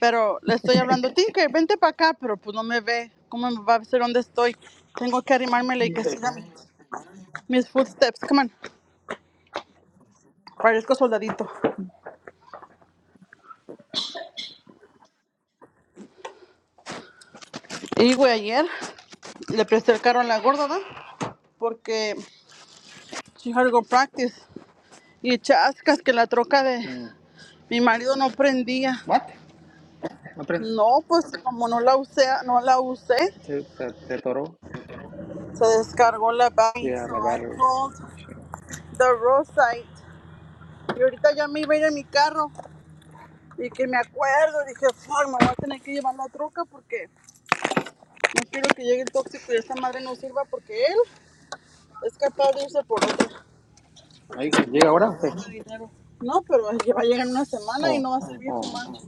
Pero le estoy hablando, Tinker, vente para acá, pero pues no me ve. ¿Cómo me va a ver dónde estoy? Tengo que arrimármele y que siga mis footsteps. Come on. Parezco soldadito. Y, güey, ayer le presté el carro a la gorda, ¿da? Porque she had to go practice. Y chascas que la troca de mm. mi marido no prendía. what? No prende. No, pues como no la usé, no la usé, Se, se te toró. se descargó la bike. Yeah, So la I battery. called Oh, shit. the roadside. Y ahorita ya me iba a ir en mi carro. Y que me acuerdo, dije, fuck, me voy a tener que llevar la troca porque no quiero que llegue el tóxico y esta madre no sirva porque él es capaz de irse por otro. Ahí, güey, ¿llega ahora o qué? No, pero ya va a llegar una semana y Oh, no va a servir oh. su Eso madre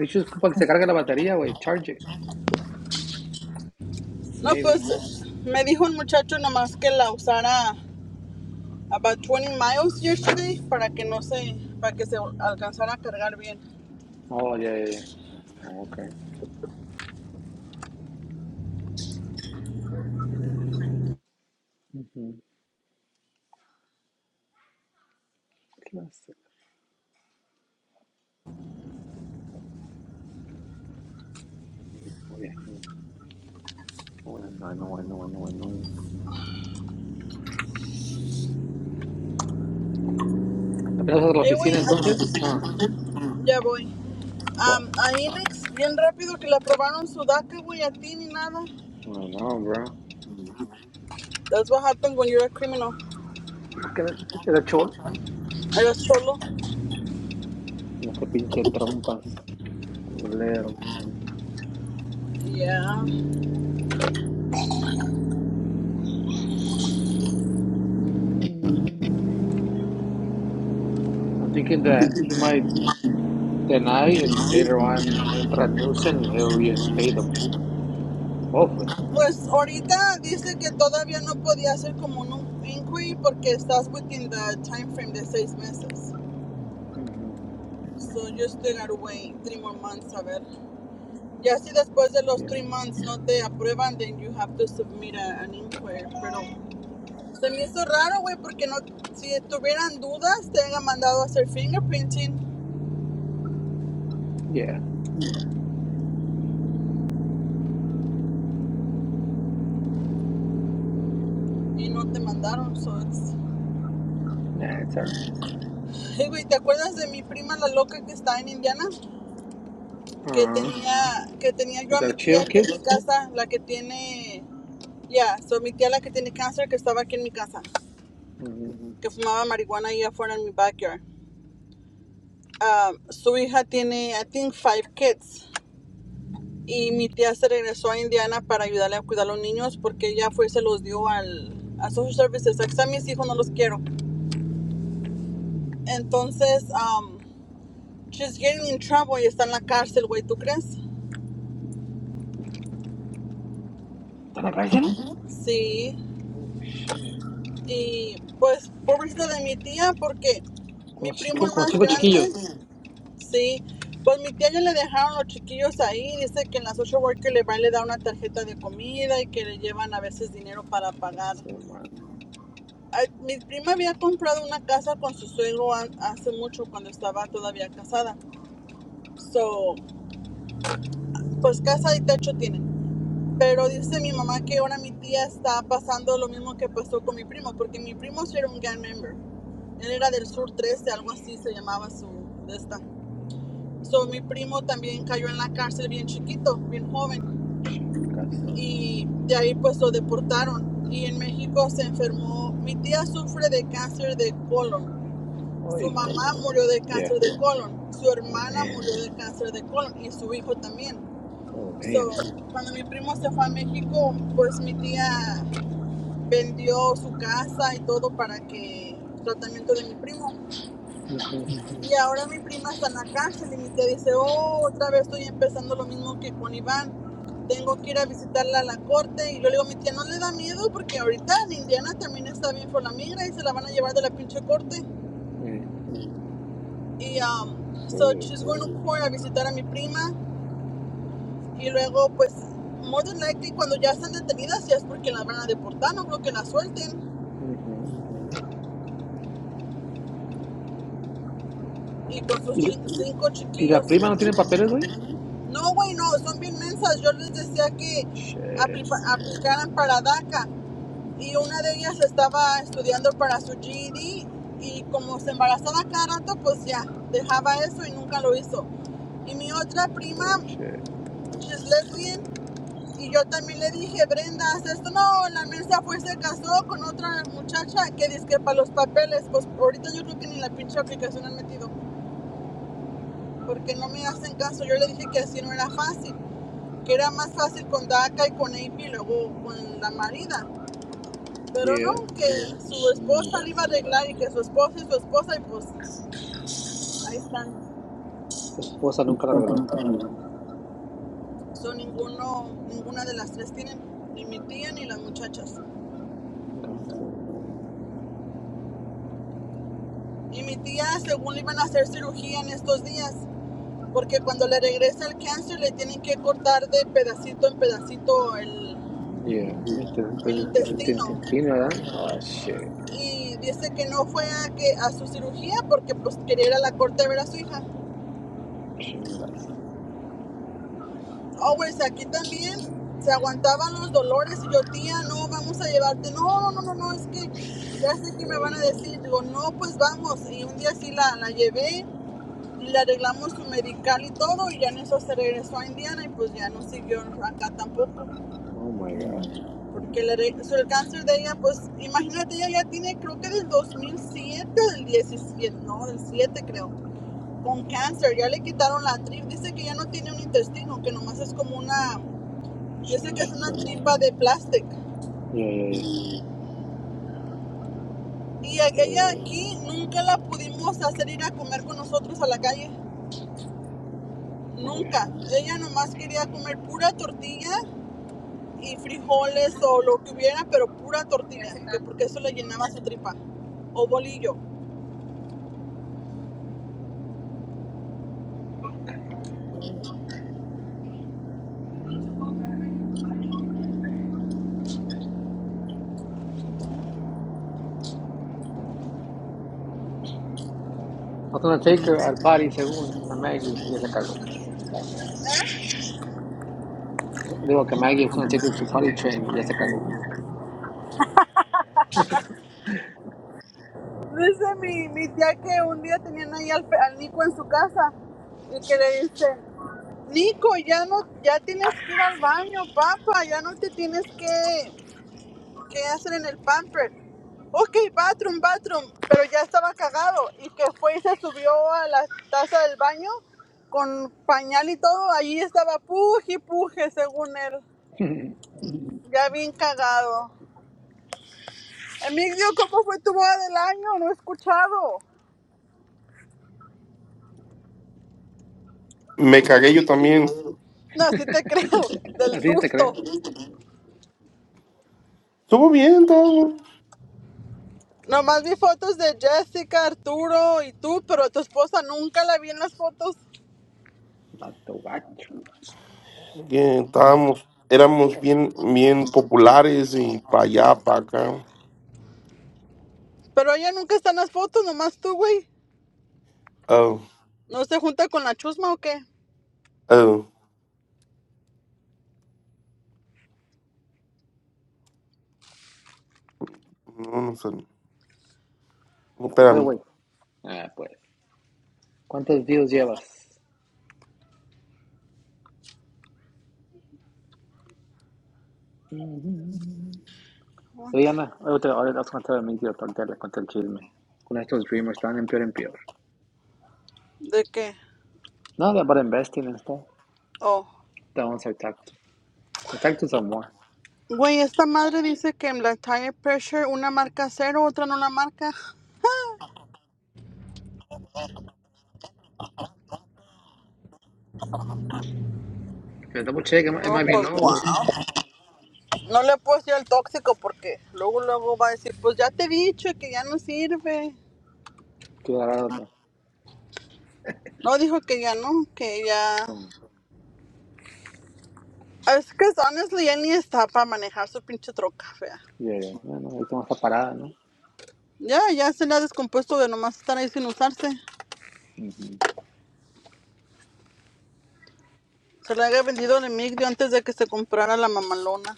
Es para que se cargue la batería, güey. Charge it. No, Maybe. pues me dijo un muchacho nomás que la usara about twenty miles yesterday para que no se, para que se alcanzara a cargar bien. Oh, yeah, yeah, yeah. Oh, okay. Ujú. ¿Qué va a hacer? Oh, yeah, Oh, yeah. Oh, I know, I know, I know, I know. ¿Apenas vas a la Eh, güey, oficina entonces? Ah, ya voy. what? Am, a Inex, bien rápido que le aprobaron su DACA, güey, a ti ni nada. I know, bro. That's what happened when you're a criminal. Era chol. Eres solo. En este pinche trompas. Culero. Ya. Mhm. I'm thinking that he might deny and later on introduce him and he'll reinstate him. Hopefully. Pues ahorita dice que todavía no podía hacer como un inquiry porque estás within the time frame de seis meses. hmm So you still gotta wait three more months a ver. Ya si después de los Yeah. three months no te aprueban, then you have to submit a- an inquiry. Pero se me hizo raro, güey, porque no, si tuvieran dudas te habían mandado a hacer fingerprinting Yeah. y no te mandaron. So it's... Nah, it's all right. <laughs> Hey, güey, ¿te acuerdas de mi prima la loca que está en Indiana? que Uh-huh. tenía que tenía yo With a the mi tía chill aquí en mi kids? casa, la que tiene ya, yeah, so mi tía la que tiene cáncer que estaba aquí en mi casa, Mm-hmm. que fumaba marihuana ahí afuera en mi backyard. Ah, su hija tiene, I think, five kids. Y mi tía se regresó a Indiana para ayudarle a cuidar a los niños porque ella fue y se los dio al a Social Services. Aquí están mis hijos, no los quiero. Entonces, um, she's getting in trouble y está en la cárcel, güey, ¿tú crees? ¿Están cárcel? Sí. Oh, shit. Y pues, pobrecita de mi tía, porque Como mi primo cinco, el como más cinco chiquillos. grande, sí, pues mi tía ya le dejaron los chiquillos ahí. Dice que en la social worker le van le da una tarjeta de comida y que le llevan a veces dinero para Chinga pagar. su madre. Ay, Mi prima había comprado una casa con su suegro hace mucho cuando estaba todavía casada. So, pues casa y techo tienen. Pero dice mi mamá que ahora mi tía está pasando lo mismo que pasó con mi primo, porque mi primo sí era un gang member. Él era del Sur 13, algo así se llamaba su de esta. So, mi primo también cayó en la cárcel bien chiquito, bien joven, Chinga su- y de ahí pues lo deportaron. Y en México se enfermó. Mi tía sufre de cáncer de colon. Su Ay, mamá cabrón. murió de Yeah. cáncer de colon. Su Oh, hermana murió damn. de cáncer de colon y su hijo también. Oh, So, damn. cuando mi primo se fue a México, pues mi tía vendió su casa y todo para que tratamiento de mi primo. Mhm. Y ahora mi prima está en la cárcel y mi tía dice, oh, otra vez estoy empezando lo mismo que con Iván. Tengo que ir a visitarla a la corte. Y yo le digo, mi tía, ¿no le da miedo? Porque ahorita en Indiana también está bien por la migra y se la van a llevar de la pinche corte. Eh, Y um, so Shit. she's going to court a visitar a mi prima. Y luego, pues, more than likely, cuando ya están detenidas, ya es porque las van a deportar. No creo que la suelten. Mhm. Y con sus ¿Y, chi- cinco y la chiquillos. prima no tiene papeles, güey? No, güey, no, son bien mensas. Yo les decía que Shit. aplipa- aplicaran para DACA y una de ellas estaba estudiando para su GED y como se embarazaba cada rato, pues ya dejaba eso y nunca lo hizo. Y mi otra prima, Oh shit. she's lesbian, y yo también le dije, Brenda, haz esto. No, la mensa fue, se casó con otra muchacha que dice que para los papeles, pues ahorita yo creo que ni la pinche aplicación han metido, porque no me hacen caso. Yo le dije que así no era fácil. que era más fácil con Daca y con Amy y luego con la marida. Pero no, Yeah. que su esposa le iba a Chingazo. arreglar y que su esposa y su esposa y pues ahí están. Su esposa nunca la arregló. Son ninguno, ninguna de las tres tienen, ni mi tía ni las muchachas. Chingazo, madre. Y mi tía según le iban a hacer cirugía en estos días, porque cuando le regresa el cáncer le tienen que cortar de pedacito en pedacito el, Yeah. el intestino. Intentina, ¿verdad? Oh shit. Y dice que no fue a, que, a su cirugía porque pues quería ir a la corte a ver a su hija Chingazo. Oh, pues aquí también se aguantaban los dolores y yo, tía, no, vamos a llevarte. No, no, no, no, no, es que ya sé que me van a decir. Digo, no, pues vamos. Y un día sí la, la llevé y le arreglamos su medical y todo y ya en eso se regresó a Indiana y pues ya no siguió acá tampoco. Oh my god. Porque le so, el cáncer de ella, pues imagínate, ella ya tiene creo que del 2007, del 17 no, del 7 creo, con cáncer. Ya le quitaron la trip. Dice que ya no tiene un intestino, que nomás es como una yo sé que es una Chingazo, tripa man. de plástico. Yeah, yeah, yeah. Y e, ella So, aquí nunca la pudimos hacer ir a comer con nosotros a la calle. oh yeah. Nunca. Ella nomás quería comer pura tortilla y frijoles o lo que hubiera, pero pura tortilla, que porque eso le llenaba su tripa. O bolillo. I was gonna take her al party según a Maggie y ya se cagó. La madre. Digo que Maggie was gonna take her to party train y ya se cagó. Dice mi, mi tía que un día tenían ahí al, al Nico en su casa y que le dice, Nico, ya no, ya tienes que ir al baño, papá, ya no te tienes que que hacen en el pamper. Ok, bathroom, bathroom, pero ya estaba cagado y que fue y se subió a la taza del baño con pañal y todo. Allí estaba puje y puje, según él. Ya bien cagado. Emilio, ¿cómo fue tu boda del año? No he escuchado. Me cagué yo también. No, sí te <laughs> creo, del A ti te susto. creo. Estuvo bien, todo. Nomás vi fotos de Jessica, Arturo y tú, pero tu esposa nunca la vi en las fotos. Vato gacho. Bien, estábamos, éramos bien, bien populares y para allá, para acá. Pero ella nunca está en las fotos, nomás tú, güey. Oh, ¿No se junta con la chusma o qué? oh, no, no sé. ¿Qué pedo, Espérame. güey? Ah, pues. ¿Cuántos deals llevas? Oye, Aguanta. Ana, ahorita, ahorita has contado mentira, pero ahorita les cuento el chisme. Con estos dreamers están en peor en peor. ¿De qué? No, they're about investing and stuff. Oh. That one's like tactics. The tactics are more. Güey, esta madre dice que en la tire pressure una marca cero, otra no la marca. Okay, double check, it might, it No, might be pues low, guau. güey. No le puedo decir el tóxico porque luego luego va a decir, pues ya te he dicho que ya no sirve. Que agarrar otra. No dijo que ya no, que ya. Oh, Es que honestly ya ni está para manejar su pinche troca fea. yeah, yeah. No, no, ahorita vamos a parada, ¿no? Ya, ya se le ha descompuesto de nomás estar ahí sin usarse. Ujú. Se le había vendido el Emigdio antes de que se comprara la mamalona.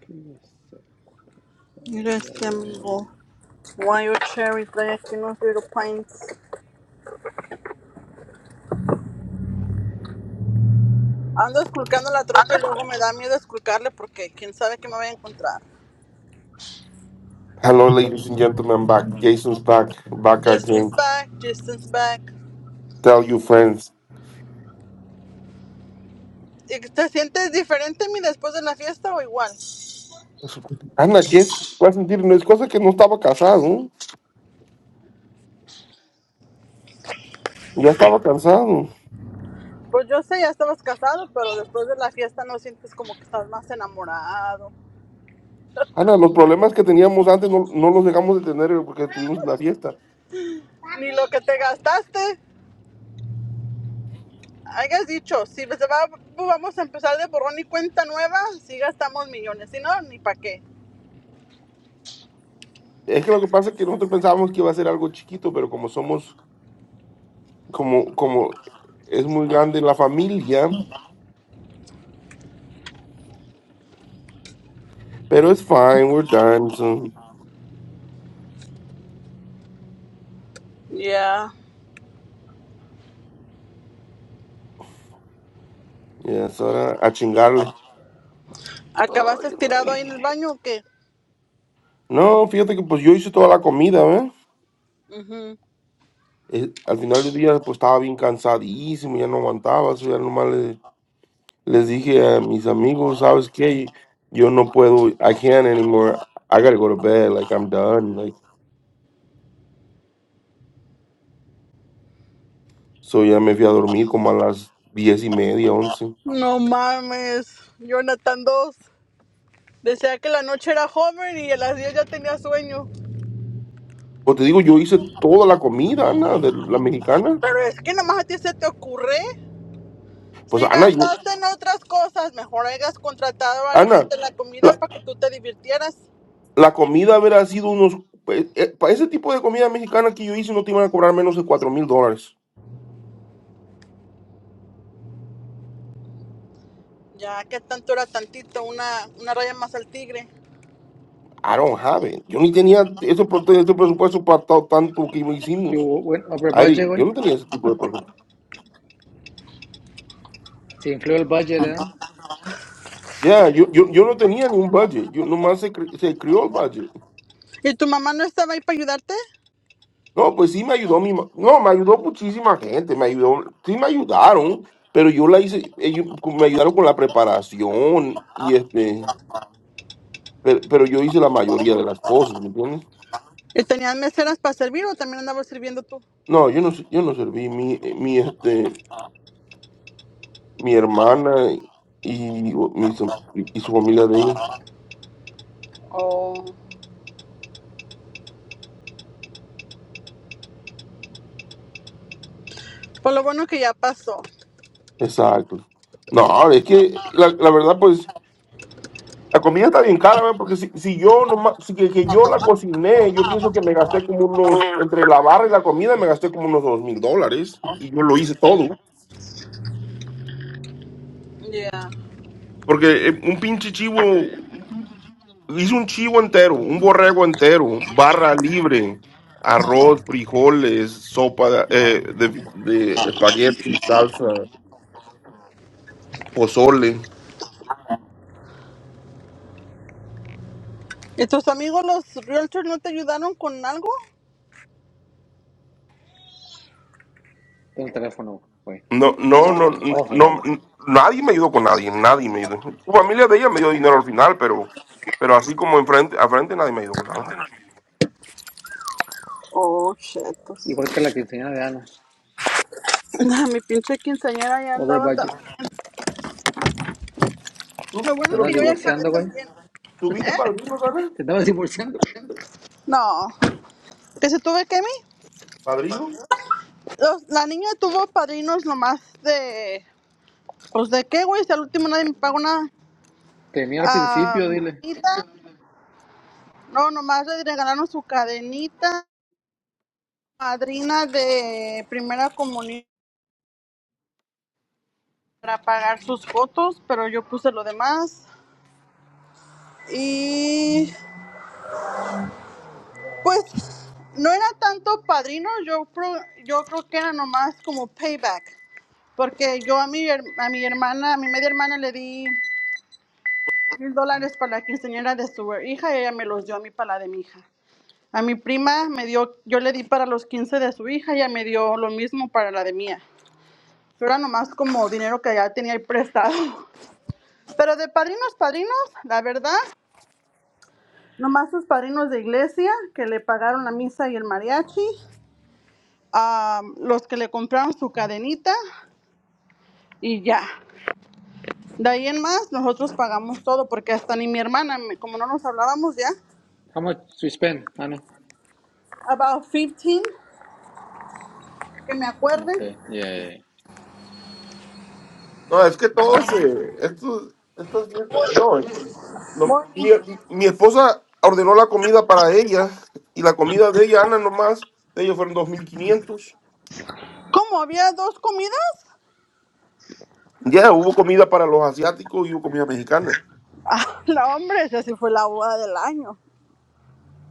¿Qué es eso? Mira este amigo. Why your cherry trae aquí unos little pints. Ando esculcando la troca y luego me da miedo esculcarle porque quién sabe qué me voy a encontrar. Hello, ladies and gentlemen, I'm back. Jason's back, back Distance again. back, distance back. Tell your friends. ¿Te sientes diferente mi después de la fiesta o igual? Ana, ¿qué es? Voy a sentir, no es cosa que no estaba casado. Ya estaba cansado. Pues yo sé, ya estabas casado, pero después de la fiesta no sientes como que estás más enamorado. Ana, los problemas que teníamos antes no, no los dejamos de tener porque tuvimos una fiesta. Ni lo que te gastaste. Hayas dicho, si se va- vamos a empezar de borrón y cuenta nueva, si gastamos millones, si no, ni para qué. Es que lo que pasa es que nosotros pensábamos que iba a ser algo chiquito, pero como somos como, como es muy grande la familia, pero es fine, we're done. So, Ya. Yeah. yeah, es hora a chingarle. ¿Acabaste Ay, güey. tirado ahí en el baño o qué? No, fíjate que pues yo hice toda la comida, ¿eh? Uh-huh. Eh, Al final del día pues estaba bien cansadísimo, ya no aguantaba, so ya nomás le- les dije a mis amigos, ¿sabes qué? Yo no puedo, I can't anymore, I gotta go to bed, like I'm done, like. So ya me fui a dormir como a las diez y media, once. No mames, Jonathan 2 Decía que la noche era joven y a las 10 ya tenía sueño. Pues te digo, yo hice toda la comida, Ana, de la mexicana. Pero es que nomás a ti se te ocurre. Pues Si Ana, yo, gastaste en otras cosas, mejor hayas contratado a alguien Ana, de la comida la, para que tú te divirtieras. la comida habrá sido unos... eh, eh, para ese tipo de comida mexicana que yo hice no te iban a cobrar menos de 4 mil dólares. Ya que tanto era tantito, una, una raya más al tigre. I don't have it. Yo ni tenía ese, pro- ese presupuesto para ta- tanto que You hicimos. went over budget, Ari, güey. yo no tenía ese tipo de presupuesto. Se infló el budget, ¿eh? Ya, yo, yo, yo no tenía ni un budget. Yo nomás se, cre- se crió el budget. ¿Y tu mamá no estaba ahí para ayudarte? No, pues sí me ayudó mi... ma- No, me ayudó muchísima gente. Me ayudó... Sí me ayudaron, pero yo la hice... Ellos me ayudaron con la preparación y este... Pero, pero yo hice la mayoría de las cosas, ¿me entiendes? ¿Y tenían meseras para servir o también andabas sirviendo tú? No, yo no, s- yo no serví. Mi, mi, este, mi hermana y, y mi so- y su familia de ahí. Oh, pues lo bueno que ya pasó. Exacto. No, es que la, la verdad, pues, la comida está bien cara, ¿ve? Porque si, si yo nomás, si que, que yo la cociné, yo pienso que me gasté como unos, entre la barra y la comida, me gasté como unos dos mil dólares. Y yo lo hice todo. Ya. Yeah. Porque eh, un pinche chivo. Hice un chivo entero, un borrego entero, barra libre, arroz, frijoles, sopa de, eh, de- de espagueti, salsa, pozole. ¿Y tus amigos los realtors no te ayudaron con algo? Tengo el teléfono, güey. No, Es no, un... Oh, no, no, Oh, bueno. my no, God. nadie me ayudó con nadie, nadie me ayudó. Tu familia de ella me dio dinero al final, pero, pero así como enfrente, a frente nadie me ayudó con nada. Oh, chetos. <laughs> Igual que la quinceañera de Ana. Ah, mi pinche quinceañera ya Over andaba budget. también. ¿Tú- Lo bueno Te es ¿Pero que andas tú yo ya tuviste acabé divorciando, güey. también. tuviste ¿Eh? padrinos, Ana? Te estabas <laughs> divorciando. No. ¿Que se tuve que mí? ¿Padrinos? Los- la niña tuvo padrinos nomás de... Pues de qué, güey, si al último nadie me pagó una Tenía al principio, dile. cadenita. No, nomás le regalaron su cadenita, madrina de primera comunión para pagar sus fotos, pero yo puse lo demás. y. Pues no era tanto padrino, yo, pro- yo creo que era nomás como payback, porque yo a mi, a mi hermana, a mi media hermana le di mil dólares para la quinceañera de su hija y ella me los dio a mí para la de mi hija. A mi prima me dio, yo le di para los 15 de su hija y ella me dio lo mismo para la de mía. Pero era nomás como dinero que ya tenía prestado. <laughs> Pero de padrinos, padrinos, la verdad, nomás sus padrinos de iglesia que le pagaron la misa y el mariachi am, los que le compraron su cadenita y ya. De ahí en más, nosotros pagamos todo, porque hasta ni mi hermana, como no nos hablábamos ya, How much we spend, Ana? about fifteen que me acuerde. Okay, yeah. No, es que todos, eh, estos, estas fiestas, no, No, y, voy- y- mi esposa ordenó la comida para ella y la comida de ella, Ana, nomás, de ellos fueron 2.500 ¿Cómo había dos comidas? <laughs> Ya, hubo comida para los asiáticos y hubo comida mexicana. Ah, la hombre, esa sí fue la boda del año.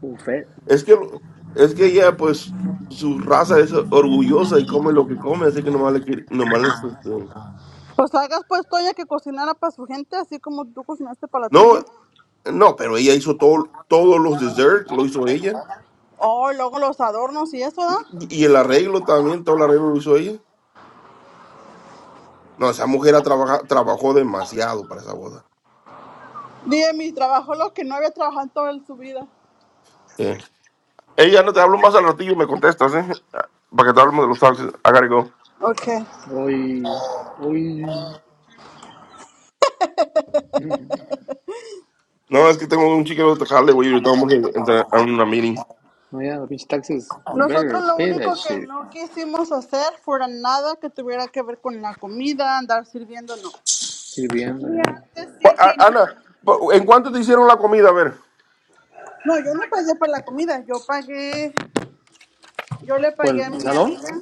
Buffet. Es que, lo- es que ella, pues, su raza es orgullosa y come lo que come, así que nomás le quiere- nomás le este, Pues hagas pues Toya que cocinara para su gente, así como tú cocinaste para la No, tuya. no, pero ella hizo todo, todos los desserts, lo hizo ella. Oh, y luego los adornos y eso, ¿da? Y, y el arreglo también, todo el arreglo lo hizo ella. No, esa mujer ha trabaja- trabajó demasiado para esa boda. Dije, mi trabajo lo que no había trabajado en toda su vida. Ella no te hablo más al ratillo y me contestas, ¿eh? Para que te hablemos de los taxis. I gotta go. Ok. Oy, oy. No, es que tengo un chico de jale, güey. Estamos en, en- en una meeting. No, yeah, the bitch taxes. You Nosotros better lo pay that único que shit. no quisimos hacer fuera nada que tuviera que ver con la comida, andar sirviendo, no. Un Sirviendo, día yeah. antes Pa- sí a- fingí- Ana, pa- ¿en cuánto te hicieron la comida? A ver. No, yo no pagué para la comida, yo pagué, yo le Well, pagué a mi salón? amiga.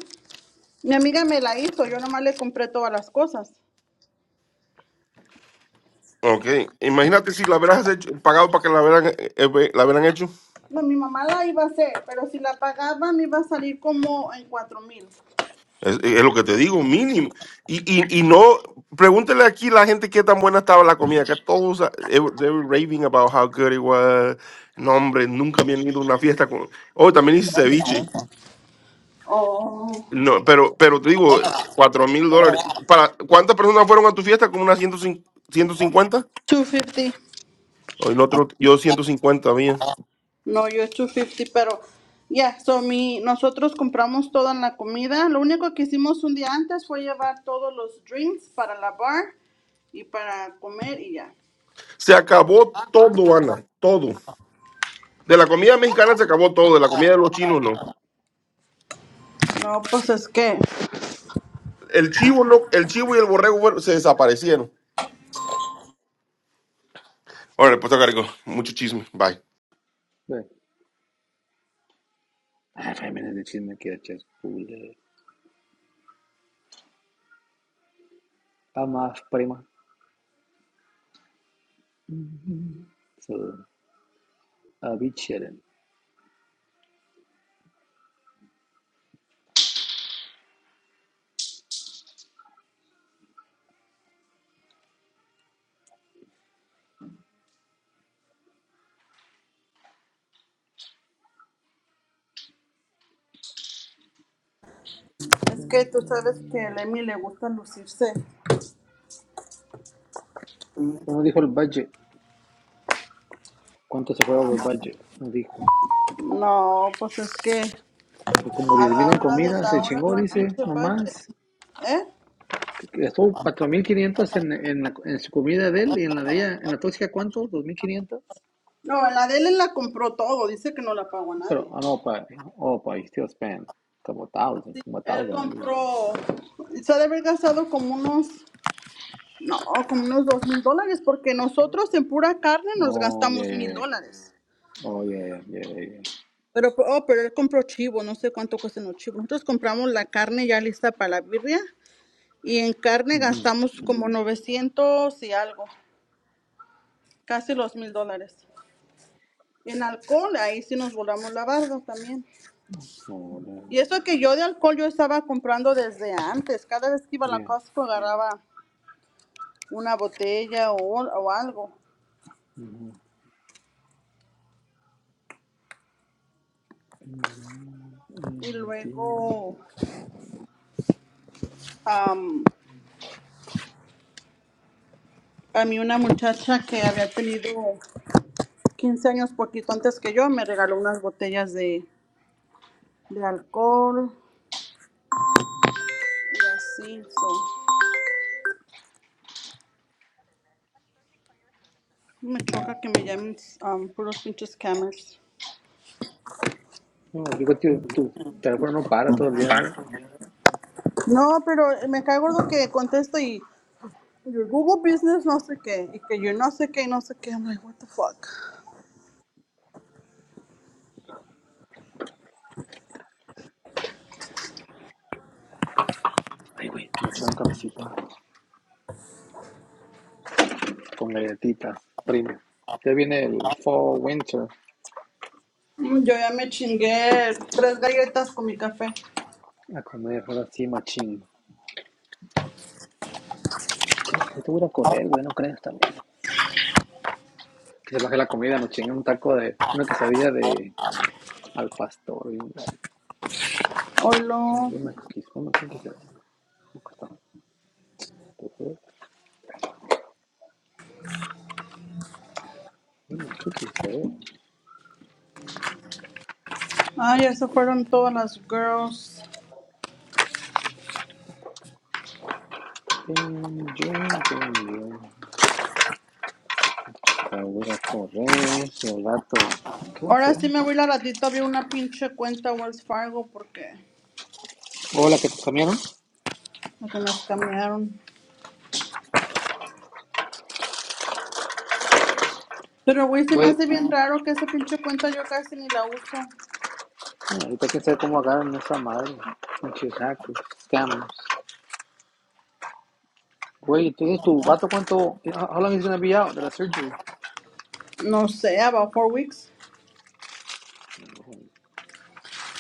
Mi amiga me la hizo, yo nomás le compré todas las cosas. Ok. Imagínate si la hubieras hecho, pagado para que la hubieran, eh, eh, la hubieran hecho. No, mi mamá la iba a hacer, pero si la pagaba me iba a salir como en cuatro mil Es, es lo que te digo, mínimo. Y, y, y no, pregúntele aquí a la gente qué tan buena estaba la comida, que todos, eh, they were they were raving about how good it was. No, hombre, nunca habían ido a una fiesta con... Oh, también hice ceviche. oh o No, pero, pero te digo, cuatro mil dólares. ¿Para cuántas personas fueron a tu fiesta? ¿Como unas ciento 150? 250. O el otro, yo 150, había. No, yo es two fifty, pero ya, yeah, so mi, nosotros compramos toda la comida. Lo único que hicimos un día antes fue llevar todos los drinks para la bar y para comer y ya. Se acabó todo, Ana, todo. De la comida mexicana se acabó todo, de la comida de los chinos no. No, pues es que, El chivo no, el chivo y el borrego fueron- se desaparecieron. Ahora, pues te cargo. Mucho chisme. Bye. Ve. Ah, five minutes de chisme que echas. Está más prima. So, a bitch shitting. es que tú sabes que a Emi le gusta lucirse. Como dijo el budget. ¿Cuánto se fue over budget? Nos dijo. No, pues es que Pues como a 10 la mil en hora de comida, se la hora chingó, no hay dice, pinche budget, nomás. ¿eh? Gastó 4.500 en, en, la- en su comida de él y en la de ella, en la tóxica, ¿cuánto? ¿2.500 No, la de él la compró todo, dice que no la pagó a Pero, nadie. ah, no, pa, oh, pa, you still spent como 1,000, como Él 1,000 at least. compró, se ha de haber gastado como unos No, como unos dos mil dólares, porque nosotros en pura carne nos Oh, yeah, gastamos yeah, mil yeah. dólares. Oh, yeah, yeah, yeah, yeah, yeah. Pero, oh, pero él compró chivo, no sé cuánto cuestan los chivos. Nosotros compramos la carne ya lista para la birria y en carne Mhm. gastamos como 900 y algo, casi los mil dólares. Y en alcohol, ahí sí nos volamos la barda también. Oh, no. Y eso que yo de alcohol yo estaba comprando desde antes. Cada vez que iba a la yeah. Costco agarraba una botella o, o algo. Mhm. Y MD. luego am, A mí una muchacha que había tenido 15 años poquito antes que yo me regaló unas botellas de, de alcohol y así. so, Me choca que me llamen um, puros pinches scammers. No, digo, tío, tu teléfono no para todo el día. güey. No, pero me cae gordo que contesto y your Google Business no sé qué y que yo no sé qué y no sé qué. I'm like, what the fuck. Ay, güey, me eché un cafecito con galletitas, primo. Ya viene el fall winter Mm, Yo ya me chingué tres galletas con mi café. a comer, ahora sí, machín. No, hay que voy a correr, güey, no crees también. Que se baje la comida, nos chingan un taco de una quesadilla de al pastor. Y un, eh, Hola. where my cookies? Where my cookies? at? ¿Cómo está? Where my cookies? güey? Ay, Aquí está. eso fueron todas las girls. Yo, yo, yo. Voy a correr, el gato. ¿Qué voy a Ahora hacer? sí me voy la ratito a abrir una pinche cuenta Wells Fargo porque Hola, ¿qué te cambiaron? lo que me escamearon. Pero güey, se me Güey, hace bien raro que esa pinche cuenta yo casi ni la uso. ahorita hay que saber cómo agarran esa madre. Muchos hackers, scammers. Güey, entonces tu vato cuánto. Ah, How long is gonna be out de la surgery? No sé, about four weeks.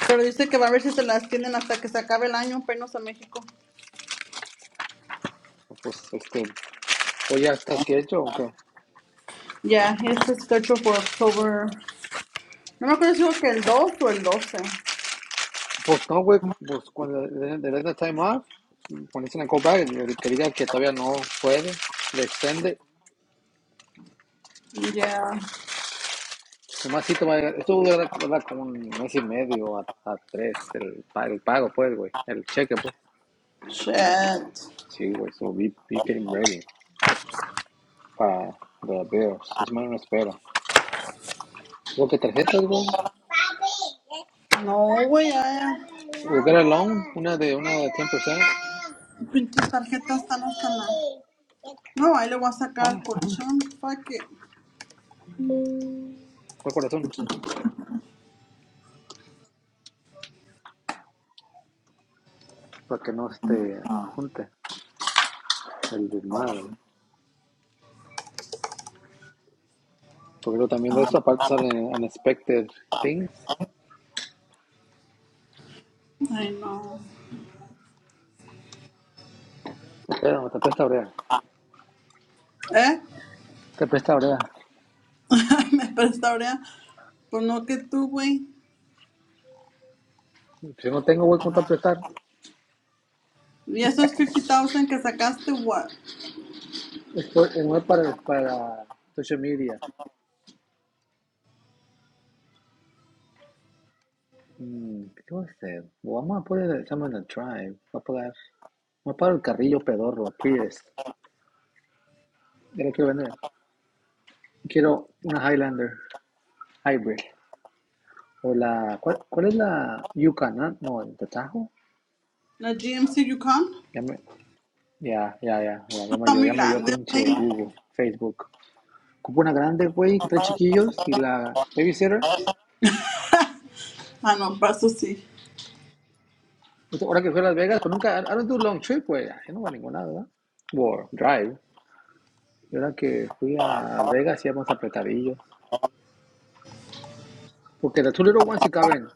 Pero dice que va a ver si se las tienen hasta que se acabe el año, penos a México. Pues este, Oye, ¿estás quieto o aunque Ya, yeah, it's scheduled for October. No me acuerdo si dijo que el dos o el doce. Pues no, güey, pues cuando le le den el time off, cuando dicen el call back, el que diga que todavía no puede, le extiende. Ya, yeah. Nomás sí te va a llegar, esto dura como un mes y medio a, a tres, el, pa- el pago, pues, güey, el cheque, pues. shit. Sí, güey, so be, be getting ready para the Bills. Es más, no espera. Lo que tarjetas, güey, No, güey, ya, ya. we get a loan, una de, una de 100%. Pinches tarjetas están hasta la... No, ahí le voy a sacar el Ah, colchón. Fuck it. ¿cuál corazón? Para que no se te junte. El de Marvel. Porque también de eso, aparte salen Unexpected Things. Ay, no. Pero me te presta brea. ¿Eh? Te presta brea. <laughs> Me prestaurea. por no que tú, güey. Si no tengo, voy con prestar. Y esos 50,000 que sacaste, what? Esto no es para, para social media. Mm, ¿Qué voy a hacer? Vamos a poner el examen en el Tribe. Voy a pagar. Voy a pagar el carrillo pedorro, Prius. Ya lo quiero vender. Quiero una Highlander Hybrid. O la. ¿Cuál, cuál es la Yukon? ah? No, el de Tajo. La GMC Yukon. Ya, me- ya, ya, ya, ya. Ya Está yo, muy llamo yo, grande, pinche güey. Google, Facebook. Compré una grande, güey, con tres chiquillos y la babysitter. Ah, no, paso sí. Pues, Ahora que fui a Las Vegas, pues nunca, I don't do long trip, güey. Yo no voy a ningún lado, ¿verdad? O drive. Y ahora que fui a Las Vegas íbamos apretadillos. Porque las two little ones sí caben.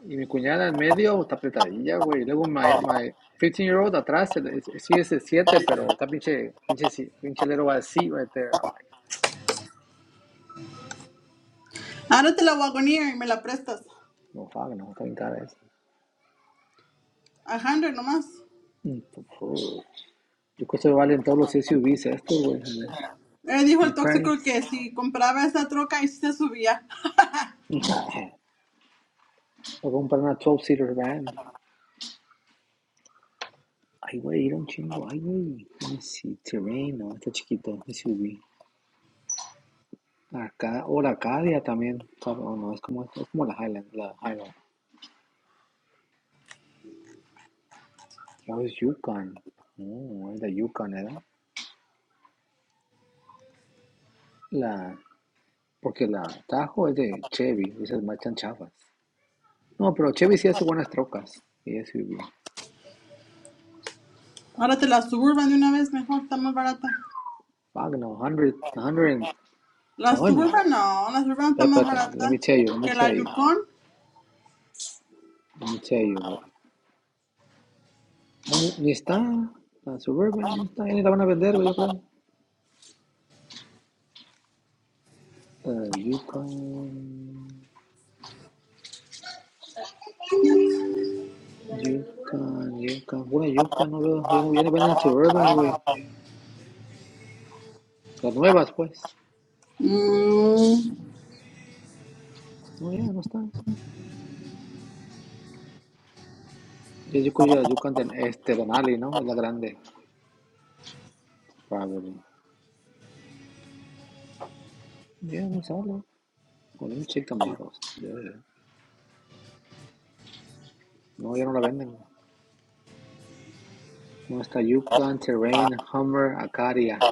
Y mi cuñada en medio está apretadilla, güey. Y luego my, my fifteen year old atrás el- es- sí es el 7, pero está pinche, pinche, si- pinche little así, right there. I'm like, Ahora te la wagonía y me la prestas. no, fuck, no, está bien cara esa. A Hundred nomás. Mm, pues, Yo creo que se valen todos los SUVs estos, güey. Él dijo My el tóxico price. que si compraba esa troca y sí se subía. <laughs> <laughs> O comprar una twelve seater van. Ay, güey, era un chingo. Ay, güey. Sí, terreno está chiquito. SUV. Acá, o la Acadia también. No, no, es como, es como la Highland. La Highland. No, es Yukon. No, es la Yukon, ¿era? La, porque la Tajo es de Chevy. Esas marchan chafas. No, pero Chevy sí hace buenas trocas. Y SUV. Ahora te la Suburban de una vez, mejor, está más barata. Fuck hundred 100, La 120. Suburban no, la Suburban está But, más but, let barata me tell you, let me que la tell you. Yukon. Let me tell you. Ni, ni está. La Suburban ni está. Ya ni la van a vender, güey, yo creo. uh Yukon. Yukon, Yukon. Pura Yukon, no veo. Ya, no, ya ni venden Suburbans, güey. Las nuevas, pues. Mm, No, ya no está. Ya Yukon, ya Yukon del este, Donali, ¿no? Es la grande. Probably. Ya no sale. Con un chica models. No, ya no la venden. No está Yukon, Terrain, Hummer, Acaria.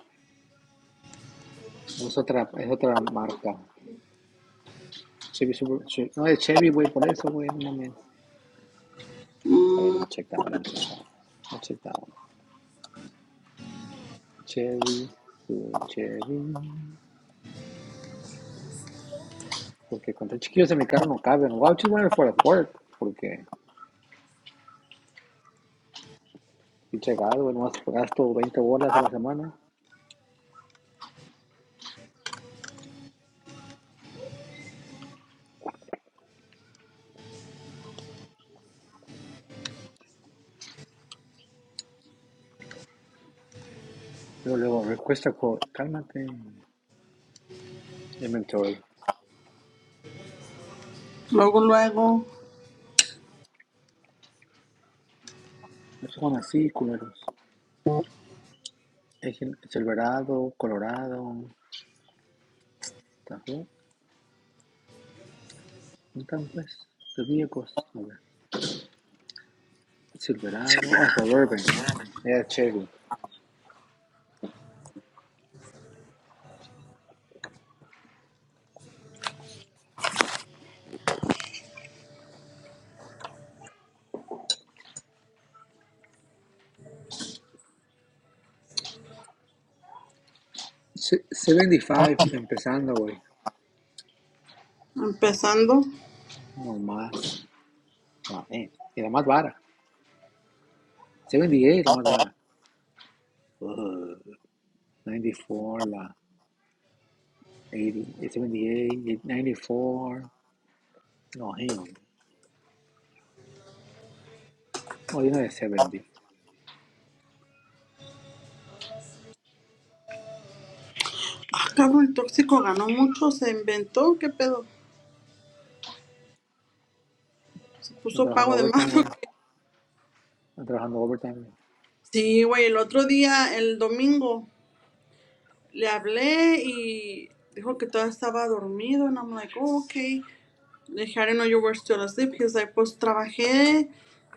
No, es otra, es otra marca. Chevy Super, Chevy- no es Chevy, güey, por eso, güey, no mames. Oh, wait, let mm, me check that one. Let me check that one. Let check that one. Chevy, su Chevy. Porque con tres chiquillos en mi carro no caben. Wow, just wondering for at work. Porque pinche gado, nomás gasto veinte bolas a la semana. Luego, luego, request a quote. Cálmate. Inventory. Luego, luego. Esos son así, culeros. Es el verado Colorado. ¿Está bien? ¿Dónde están, pues? Los viejos. A ver. Silverado. Ah, Suburban. Yeah, Chevy. Se- 75 empezando, güey. Empezando. No más. Ah, eh, y la más vara. 78 la más vara. Ugh, 94 la 80, 78, 94. No, him. No, hay no de 70. Ah, cabrón, el tóxico ganó mucho, se inventó, ¿qué pedo? Se No puso trabajando pago de overtime, más. <laughs> güey. No trabajando overtime. güey. Sí, güey, el otro día, el domingo, le hablé y dijo que todavía estaba dormido. And I'm like, oh, okay. Le dije, I didn't know you were still asleep. He's like, pues trabajé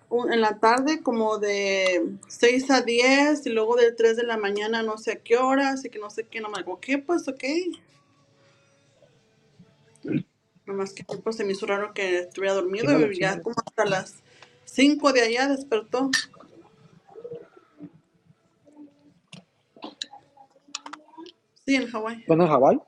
un- en la tarde como de 6 a 10 y luego de 3 de la mañana no sé a qué hora, así que no sé qué. And I'm like, okay, pues okay. Nomás que pues, se me hizo raro que estuviera Chíngale, dormido y ya chíngale. como hasta las 5 de allá despertó. Sí, en Hawái. es Hawaii?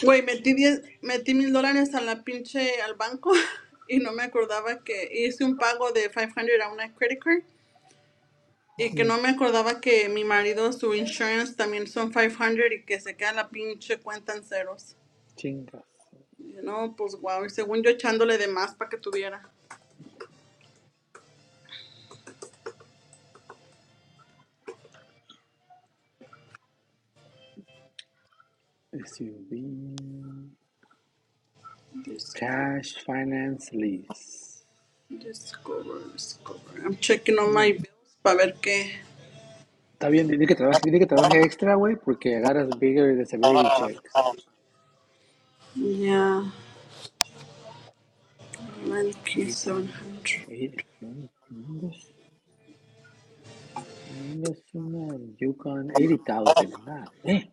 Güey, metí 10 metí mil dólares a la pinche al banco <laughs> y no me acordaba que hice un pago de 500 a una credit card y que Mm, no me acordaba que mi marido, su insurance también son 500 y que se queda la pinche cuenta en ceros. chingas. Y yo, no, pues wow. Y según yo echándole de más para que tuviera. SUV. Discover, Cash Finance Lease. discover, discover. I'm checking on my No, bills para ver qué. está bien. tiene que trabajar tiene que trabajar extra, güey, porque agarras bigger disability checks. Yeah, man, he's You can. eh, no, no, Investment Yukon eighty thousand, God damn.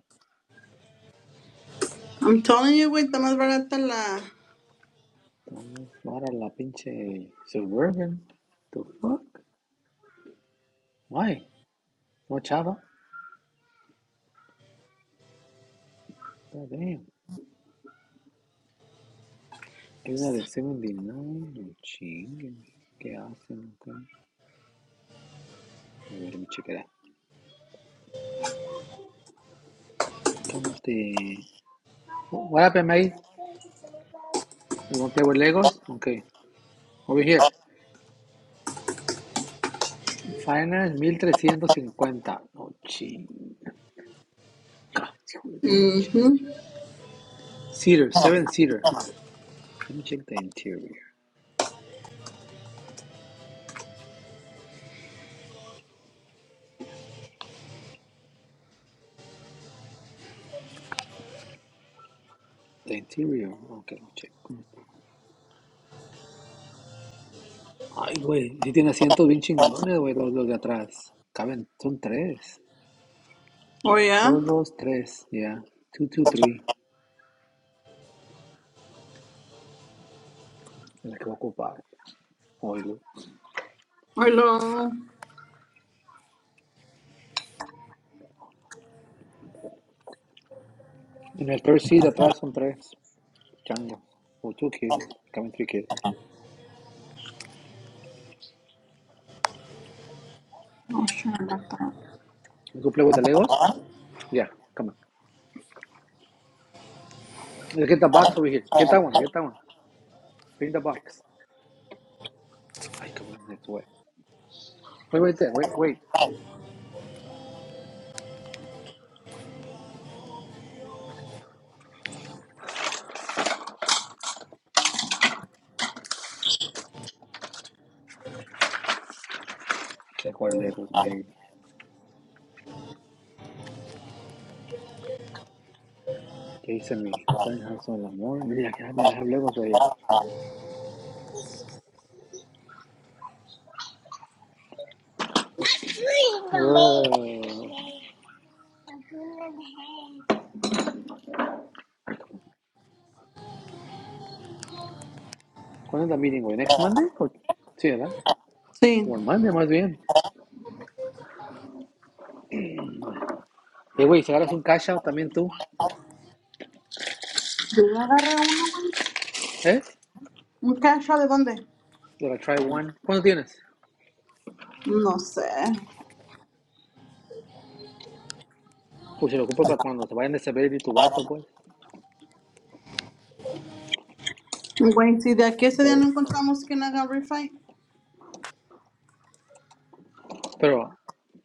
I'm telling you, güey, está más barata la. Almost para la pinche Suburban. The fuck? Why? No chava. God damn. Hay una de 79. No chinguen. ¿Qué hacen? acá? A ver, me chequeará. ¿Cómo te. What happened, mate? You want to play with Legos? Okay. Over here. Finance 1350. No ching. God, Mhm. Cedar, seven cedar. Let me check the interior. The Interior. Ok, che, ¿cómo está? Ay, güey, sí tiene asientos bien chingones, güey, los, los de atrás. Caben, son tres. Oh, yeah. Dos, dos, tres, ya. Yeah. Two, two, three. La que va a ocupar. Oílo. Hello. En el third seat de atrás son tres chango O two kids. Caben three kids. Oh, shit, la ta- You go play with the Legos? Yeah, come on. Let's get the box over here. Get that one, get that one. Bring the box. Ay, come on, it's wet. Wait, wait, wait, wait. Quiero jugar Legos, maybe. ¿Qué hice mi San Hanson el amor? Mira, que me las Legos right here. Oh. ¿Cuándo es la meeting, güey? ¿Next Monday? ¿O- Sí, ¿verdad? Sí. O on Monday, más bien. Eh, güey, si agarras un cash out también tú, Yo ya agarré uno, güey. ¿eh? ¿Un cacho de dónde? Para try one. ¿Cuándo tienes? No sé. Pues si lo ocupo para cuando se vayan de Severity tu vato, pues. Güey, si de aquí ese día no encontramos quién haga refight. Pero,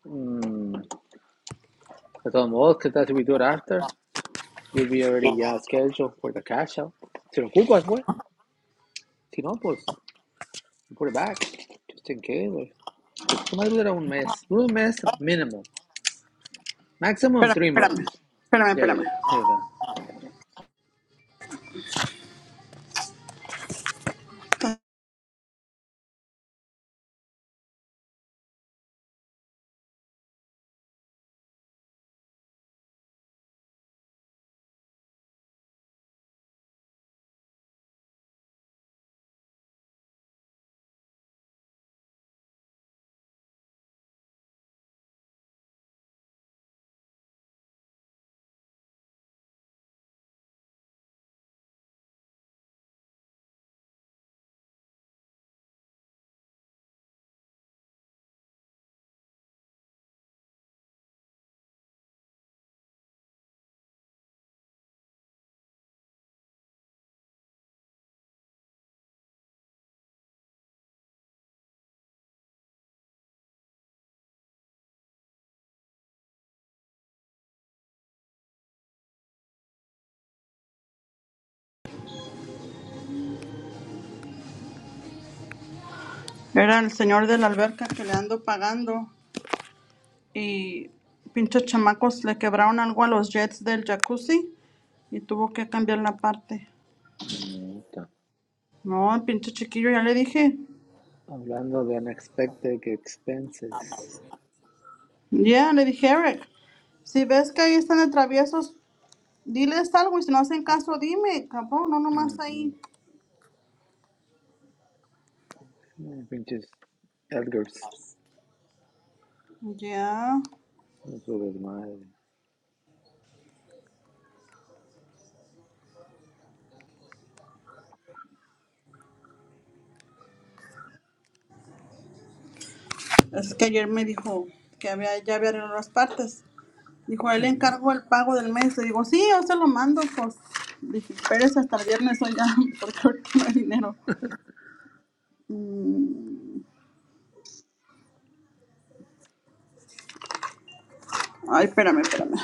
mm, de todos modos, ¿qué tal si we do it after? You'll be already, yeah, scheduled for the cash out. Si lo ocupas, güey. Si no, pues, you put it back. Just in case, güey. Nomás dura un mes. Dura un mes mínimo. Maximum Espérame, three espérame. months. Espérame, Yeah, espérame. yeah. There you go. Era el señor de la alberca que le ando pagando y pinches chamacos le quebraron algo a los jets del jacuzzi y tuvo que cambiar la parte. No, el pinche chiquillo, ya le dije. Hablando de unexpected expenses. Ya, le dije, Eric, si ves que ahí están de traviesos, diles algo y si no hacen caso, dime, cabrón, no nomás Ujú. ahí. No, pinches Edgars. Ya. No su desmadre. Es que ayer me dijo que había, ya había arreglado las partes. Dijo, él Ujú. encargó el pago del mes. Le digo, sí, yo se lo mando, pues. Dije, espérese hasta el viernes, oiga, <laughs> porque ahorita no hay dinero. Ay, espérame, espérame.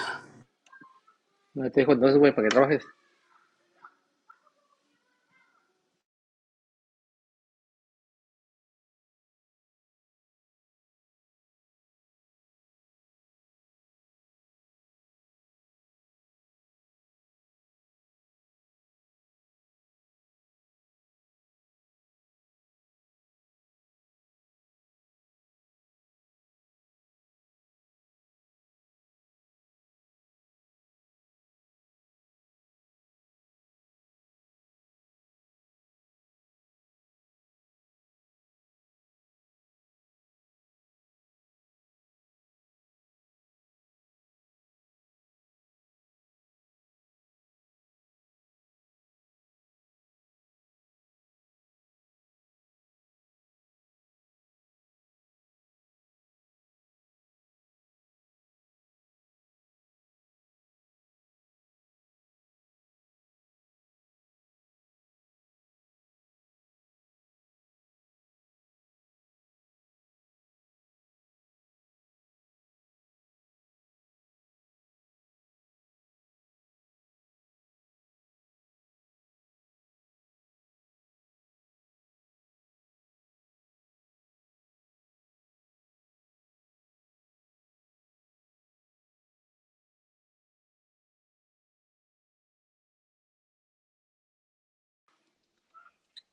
No te dijo entonces, güey, para que trabajes.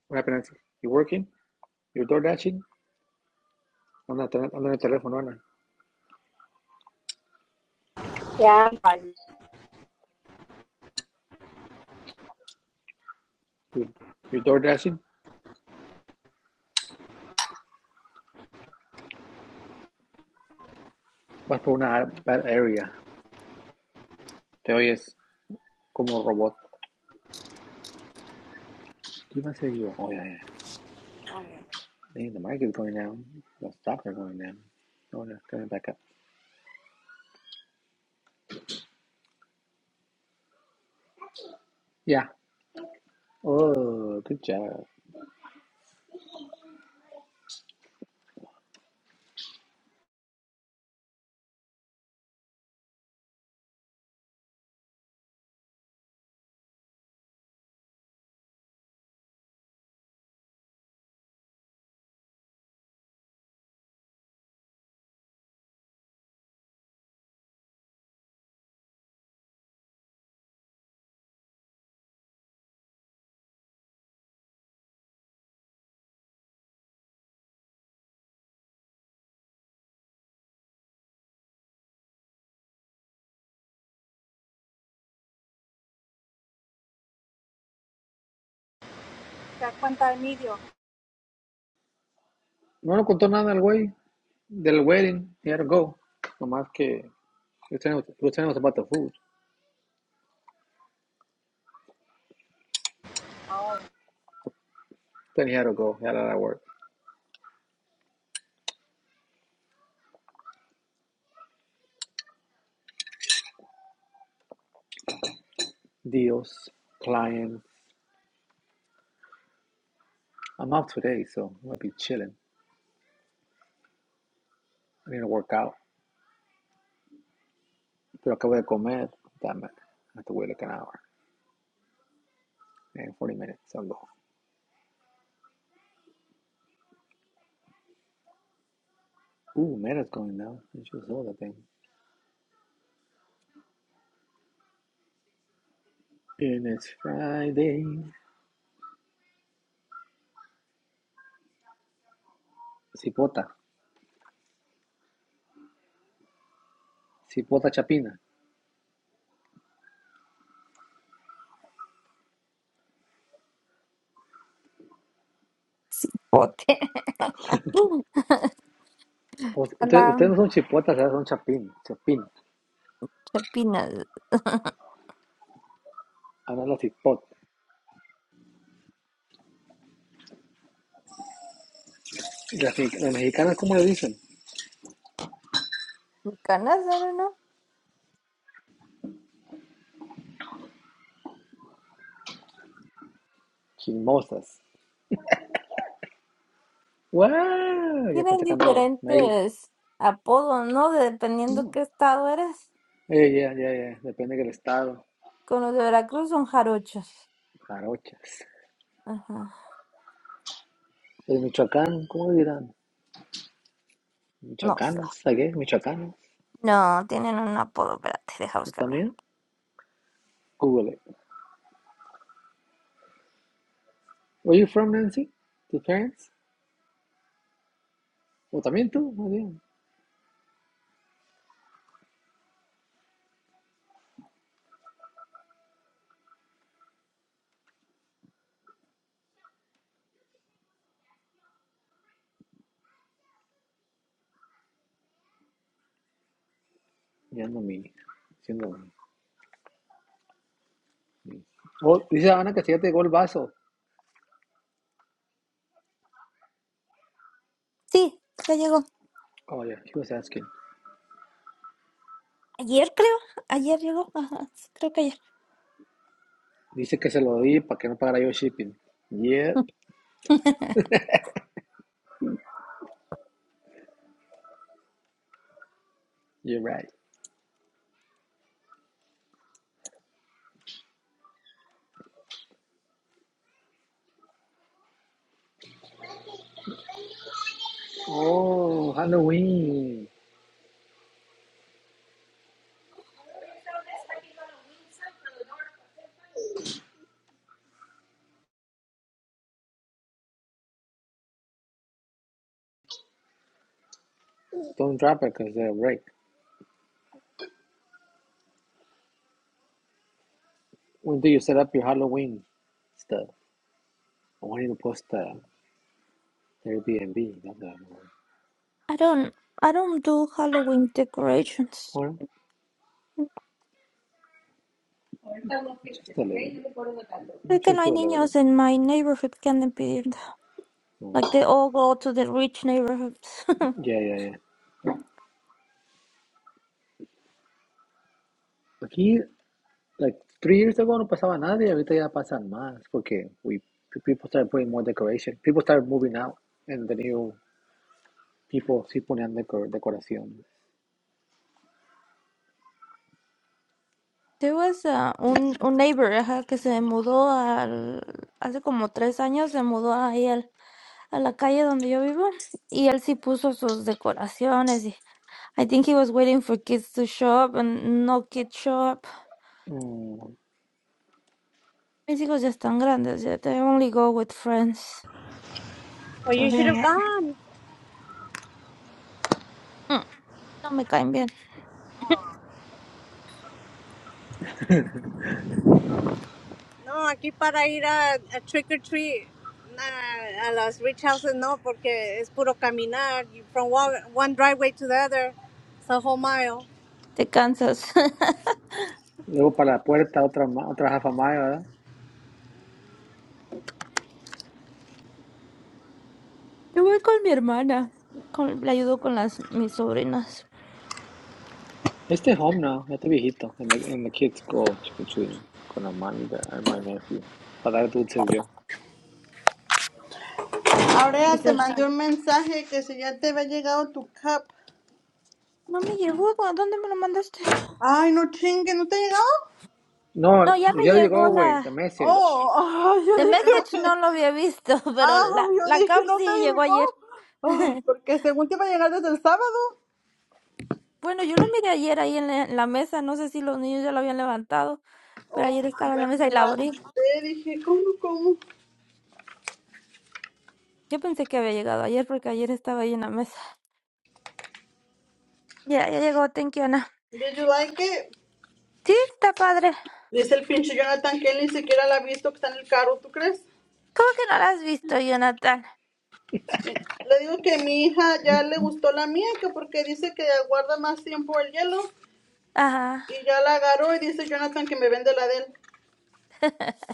What happened? You working? You door dashing? Anda, te- en el teléfono, Ana. You, you door dashing? Vas por una bad area. Te oyes como robot. ¿Qué iba a hacer yo? Oh, yeah, yeah. Hey, the mic is going down. The stops are going down. Oh, no, coming back up. Yeah. Oh, good job. Se da cuenta de medio. No lo contó nada el güey. They're waiting. he had to go. Nomás que he was, telling, us about the food. Oh. Then he had to go. He had a lot of work. Deals, clients. I'm off today, so I'm going to be chilling. I need to work out. Pero acabo de comer. Damn it. I have to wait like an hour and 40 minutes. I'll go. Ooh, Meta's going now. I just saw that thing. And it's Friday. Cipota. Cipota chapina. Cipote. <laughs> Us- Ustedes, La ustedes no son chipotas, ¿verdad? son chapín. Chapín. chapina Ahora la cipota. Y Las, me- las mexicanas, ¿cómo le dicen? canas, <laughs> ¿no? Chismosas. ¡Wow! Ya están Tienen sacando mail. diferentes apodos, ¿no? De- dependiendo No. qué estado eres. Eh, ya, ya, ya. Depende del estado. Con los de Veracruz son jarochos. Jarochas. Ajá. El Michoacán, ¿cómo dirán? No sé. Michoacanas, ¿a qué? Michoacanas. No, tienen un apodo. Espérate, deja ¿O buscarlo. también? Google. it. where you from Nancy? ¿Tus parents? ¿O también tú? Muy bien. Ya no mi. Siendo mi. Oh, dice Ana que si ya te llegó el vaso. Sí, ya llegó. Oh, yeah, he was asking. Ayer creo. Ayer llegó. Ajá. sí, Creo que ayer. Dice que se lo di para que no pagara yo shipping. Yep, <laughs> you're right. Oh, Halloween. Don't drop it because they're right. When do you set up your Halloween stuff? I want you to post the uh, Airbnb. Not that I don't, I don't do Halloween one. decorations. Or just a little Creo que no Just do a hay little niños bit. en my neighborhood que anden pidiendo. Like Mm. they all go to the rich neighborhoods. <laughs> Yeah, yeah, yeah. Aquí, like three years ago, no pasaba nada y ahorita ya pasan más porque we people started putting more decoration. People started moving out and the new people sí ponían decor, decoración. There was a- un, un neighbor, ajá, que se mudó al, hace como tres años, se mudó ahí al, a la calle donde yo vivo y él sí puso sus decoraciones y I think he was waiting for kids to show up and no kids show up. Mm. Mis hijos ya están grandes, ya they only go with friends Well, to you should hang have out. gone. Mm, no me caen bien, No, aquí para ir a, a trick or treat. Nah, a las rich houses no, porque es puro caminar. You- From one, one driveway to the other, it's a whole mile. te cansas. <laughs> Luego para la puerta otra otra half a mile, ¿verdad? Yo voy con mi hermana, con, le ayudo con las mis sobrinas. Este home now, este viejito, and the, and the kids go trick or treating con la mami de, and my nephew para dar dulces yo. Ahora Dice, te mandé un mensaje que si ya te había llegado tu cap. no me llegó, ¿a dónde me lo mandaste? Ay, no chingue, ¿no te ha llegado? No, No, ya me ya le llegó llegó, güey, the la... ya- message. Oh, <laughs> ah, yo The dije, message no lo <laughs> había visto, <laughs> pero ah, la, yo la dije, cap no te sí llegó llegó. ayer. Oh, <laughs> porque según te iba a llegar desde el sábado. Bueno, yo lo miré ayer ahí en la, en la mesa, no sé si los niños ya lo habían levantado, pero Oh, ayer estaba en me la mesa y la abrí. espanté, dije, ¿cómo, cómo? Yo pensé que había llegado ayer porque ayer estaba ahí en la mesa. Ya, ya llegó, thank you, Ana. Did you like it? Sí, está padre. Dice el pinche Jonathan que él ni siquiera la ha visto que está en el carro, ¿tú crees? ¿Cómo que no la has visto, Jonathan? Le digo que mi hija ya le gustó la mía, que porque dice que guarda más tiempo el hielo. Ajá. Y ya la agarró y dice Jonathan que me vende la de él. <laughs>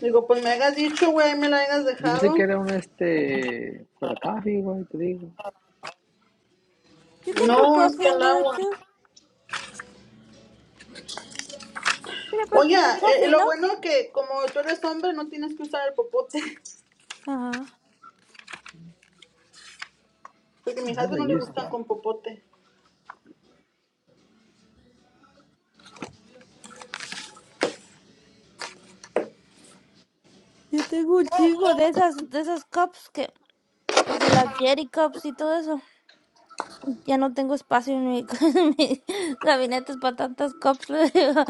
Digo, pues me hagas dicho, güey, me la hayas Yo pensé que dejado. era un este for the coffee, güey, te digo. You can put No, es que coffee in el there agua. too. Mira, puedes Oye, poner eh, coffee, lo ¿no? bueno que como tú eres hombre no tienes que usar el popote, <laughs> Ajá. porque a mi I husband no haven't le used it. gustan con popote. Yo tengo un chingo de esas, de esas cups que De las Jerry Cups y todo eso. Ya no tengo espacio en mi, <laughs> en mis gabinetes para tantas cups. <laughs> le digo.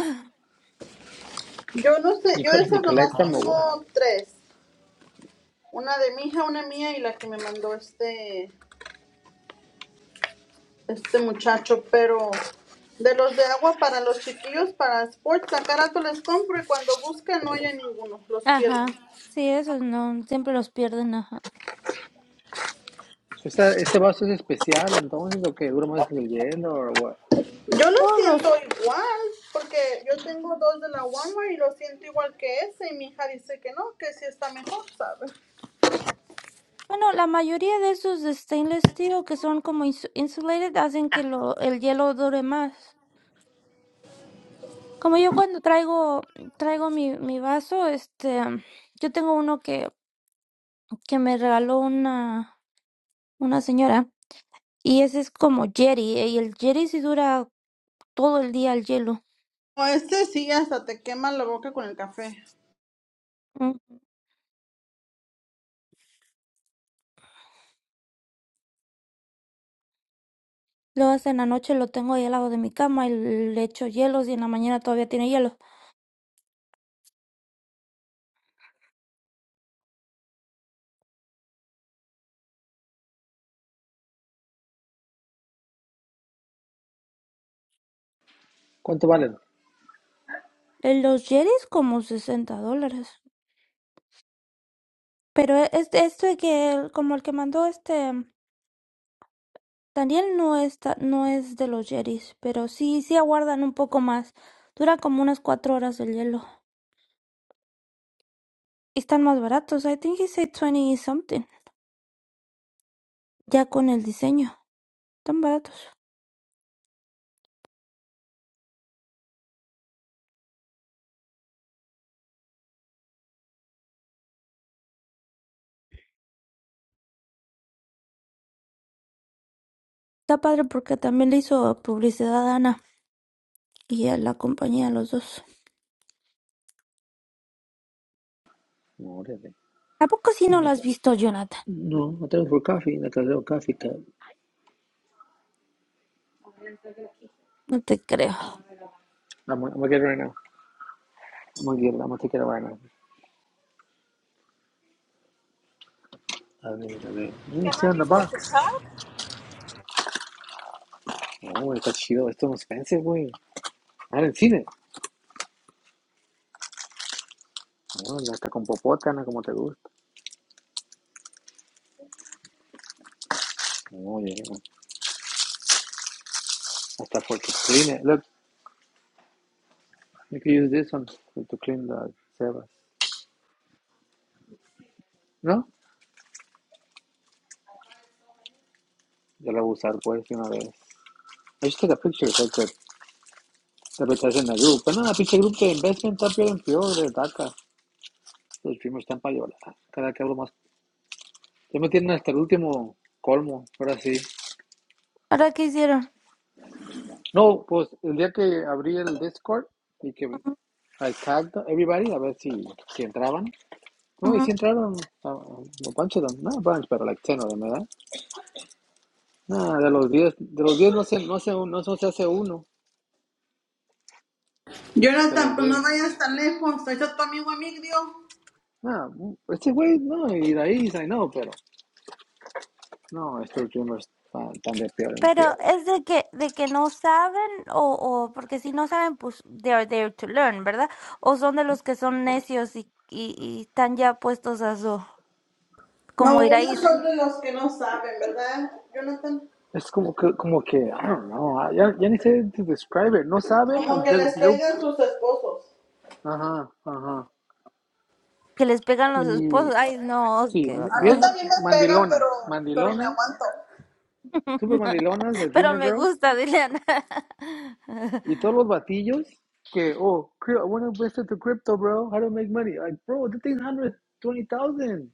Yo no sé, You, yo co- de you esas nomás collect them or what? tengo tres. Una de mi hija, una mía y la que me mandó este, este muchacho, pero de los de agua para los chiquillos, para sports, a cada rato les compro y cuando buscan no hay ninguno, los pierdo. Ajá. Sí, esos no. Siempre los pierden. Ajá. Ese ese vaso es especial, entonces, lo que dura más que el hielo o what? Yo los Todos los. siento igual, porque yo tengo dos de la Walmart y los siento igual que ese y mi hija dice que no, que sí está mejor, ¿sabes? Bueno, la mayoría de esos de stainless steel que son como ins- insulated hacen que lo, el hielo dure más. Como yo cuando traigo, traigo mi, mi vaso, este, yo tengo uno que, que me regaló una, una señora. Y ese es como Jerry. Y el Jerry sí dura todo el día el hielo. No, este sí, hasta te quema la boca con el café. Entonces en la noche lo tengo ahí al lado de mi cama y le echo hielos y en la mañana todavía tiene hielo. ¿Cuánto valen? Eh, Los yetis como 60 dólares. Pero e- este, este que, como el que mandó este Daniel no está, no es de los yetis, pero sí, sí aguardan un poco más. Dura como unas cuatro horas el hielo. Y están más baratos. I think he said 20 something. Ya con el diseño. Están baratos. Está padre porque también le hizo publicidad a Ana y a la compañía, a los dos. No, órale. ¿A poco sí no No, lo has visto, Jonathan? no, no tengo for coffee, no tengo coffee cup. No te creo. I'm, I'm gonna get it right now. I'm gonna get it, I'm gonna take it right now. A ver, a ver. Mira, ¿Qué it's no here has in the visto? ¿Su box. top? No, está chido. Esto es un suspense, güey. Ah, en el cine. No, hasta con popotana, como te gusta. No, yeah. Hasta for to clean it. Look, you can use this one for to clean the sebas. ¿No? Ya lo voy a usar, pues, de una vez. I just took a picture so I could representar en group. Pero no, pinche grupo de investment está peor en peor de taca Los primos están para llorar. Cada que hablo más. Ya me tienen hasta el último colmo. Ahora sí. Ahora qué hicieron. No, pues, el día que abrí el Discord y que Ujú, I tagged everybody a ver si, si entraban. No, y ujú. si entraron a, a bunch of them, no a bunch, pero like 10 of them, ¿verdad? No, de los 10 de los 10 no se, no se, no se no se hace uno de los Jonathan, pues diez no vayas tan lejos. Ahí está tu amigo Emigdio. No, este güey, no, y de ahí, I know, pero no, estos dreamers están, están de peor en Pero peor. es de que, de que no saben o, o porque si no saben, pues they are there to learn, ¿verdad? O son de los que son necios y, y, y están ya puestos a su, como No, ellos Iraíz, son de los que no saben, ¿verdad, Jonathan? Es como que, como que, I don't know, ah, ya, ya ni sé to describe it, no saben Como y que luego, les y luego, pegan sus esposos. ajá, ajá. que les pegan los Y esposos. Ay, no, sí, qué A mí horror. bien, también me pega, pero, mandilonas, pero me mandilonas, aguanto. super <laughs> mandilonas de Pero Dreamer me Girls, gusta, Dileana. Y todos <laughs> los batillos que, oh, I want to invest into crypto, bro. How do I make money? Like, bro, the thing's 120,000.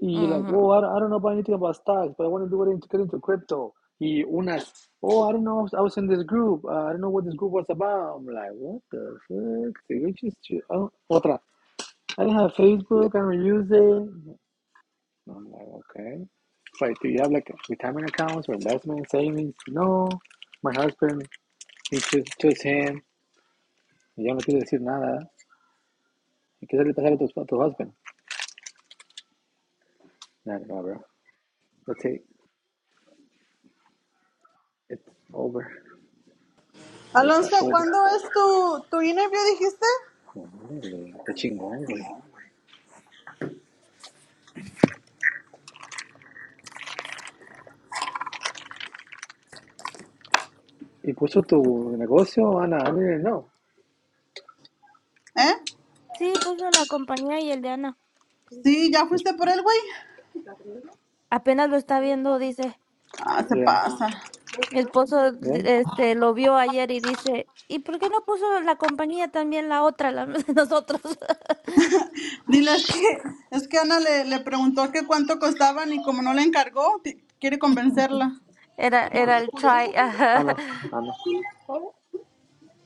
Y like, oh, Ujú. I, don't- I don't know about anything about stocks, but I want to do it to get into crypto. Y unas, oh, I don't know, I was in this group. Uh, I don't know what this group was about. I'm like, what the fuck? Did you just, oh, otra. I don't have Facebook. I don't use it. I'm like, okay. It's like, do you have like retirement accounts or investment savings? No. My husband, it's just, just him. Y yo no quiero decir nada. ¿eh? ¿Y qué le pasar a tu, a tu husband? No, no, bro. Let's say it's over. With that Alonso, over. ¿cuándo es tu, tu interview, dijiste? No, órale, Está chingón, güey. ¿Y puso tu negocio, Ana? I didn't know. ¿Eh? Sí, puso la compañía y el de Ana. Sí, ¿ya fuiste por él, güey? Apenas lo está viendo, dice. Ah, se Yeah. pasa. Mi esposo Yeah. este lo vio ayer y dice, ¿y por qué no puso la compañía también la otra, la de nosotros? <laughs> Dile, es que, es que Ana le, le preguntó que cuánto costaban y como no le encargó, ti- quiere convencerla. Era, Who's, era el who's try. ajá. Ana. Ana. Hola.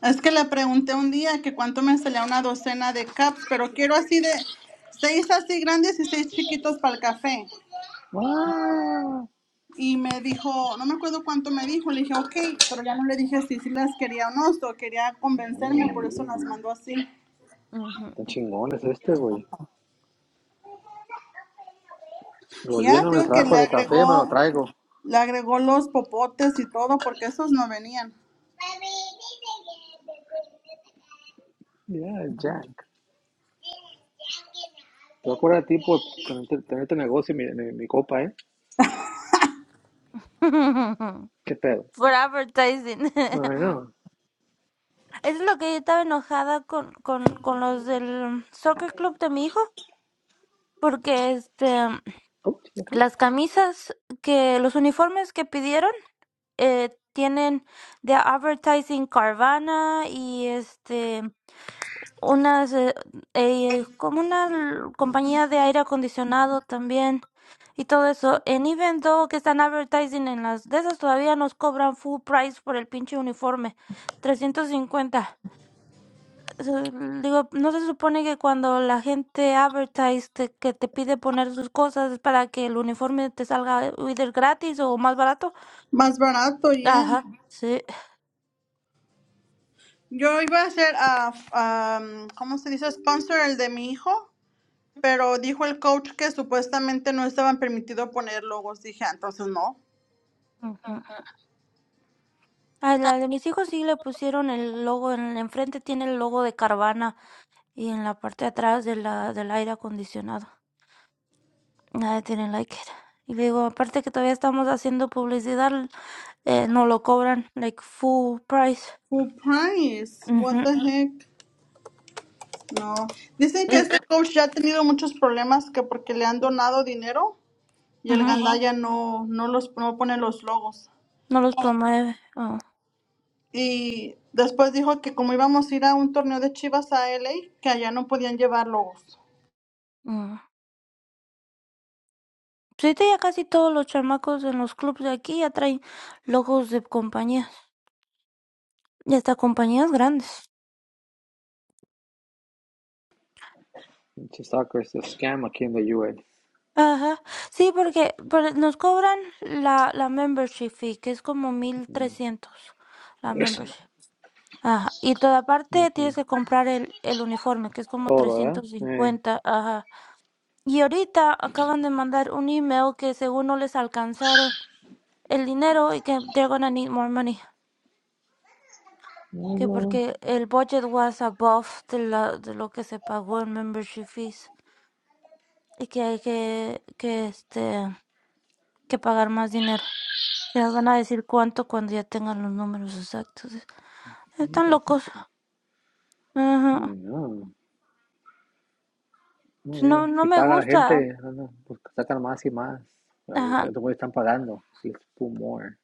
Es que le pregunté un día que cuánto me salía una docena de cups, pero quiero así de seis así grandes y seis chiquitos para el café. ¡Wow! Y me dijo, no me acuerdo cuánto me dijo, le dije, ok, pero ya no le dije si, si las quería o no, so quería convencerme, por Mm, eso las mandó así. Ujú. tan chingón es este, güey. Lo Ya, lleno en el digo que trabajo le de café, me lo agregó, traigo. le agregó los popotes y todo, porque esos no venían. Yeah, Jack. Te voy a cobrar a ti por tener, tener tu negocio y mi, mi- mi copa, ¿eh? <laughs> ¿Qué pedo? For advertising. I <laughs> know. Eso es lo que yo estaba enojada con, con, con los del soccer club de mi hijo, porque este Oh, sí, ok. las camisas que, los uniformes que pidieron, eh, tienen de advertising Carvana y este unas, eh, eh, como una l- compañía de aire acondicionado también y todo eso. En Even Though que están advertising en las de esas todavía nos cobran full price por el pinche uniforme, 350. Eso, Digo, no se supone que cuando la gente advertise te- que te pide poner sus cosas es para que el uniforme te salga eh, either gratis o más barato. Más barato, ya. Ajá, sí. Yo iba a hacer, ah, ah, ¿cómo se dice? Sponsor el de mi hijo. Pero dijo el coach que supuestamente no estaban permitido poner logos. Dije, "Ah, entonces no. Ujú. A la de mis hijos sí le pusieron el logo, en el enfrente tiene el logo de Carvana y en la parte de atrás de la, del aire acondicionado. Nadie tiene like it. Y le digo, aparte que todavía estamos haciendo publicidad, eh, no lo cobran, like full price. Surprise, what Ujú. the heck. No. Dicen que El- este coach ya ha tenido muchos problemas que porque le han donado dinero y el ujú, gandaya no, no los no pone los logos. No los promueve. Oh, Y después dijo que como íbamos a ir a un torneo de Chivas a L. A. que allá no podían llevar logos. mm. Sí, ya casi todos los chamacos en los clubs de aquí ya traen logos de compañías. Y hasta compañías grandes. Pinche soccer es scam aquí en la UL. Ajá. Sí, porque, porque nos cobran la, la membership fee, que es como mil Mm. trescientos La Yes. membership. Ajá, y toda parte Ujú. tienes que comprar el el uniforme, que es como Todo, ¿verdad? trescientos Eh. cincuenta. ajá. Y ahorita acaban de mandar un email que según no les alcanzaron el dinero y que they're gonna need more money, No, que no. porque el budget was above de la- de lo que se pagó en membership fees y que hay que que este que pagar más dinero. Me van a decir cuánto cuando ya tengan los números exactos. Están Nunca locos. sé. Ay, Ajá. no. No, No, no Si me paga la gusta. gente, no, no, pues sacan más y más. Ajá, Estos estos están pagando. Let's put more.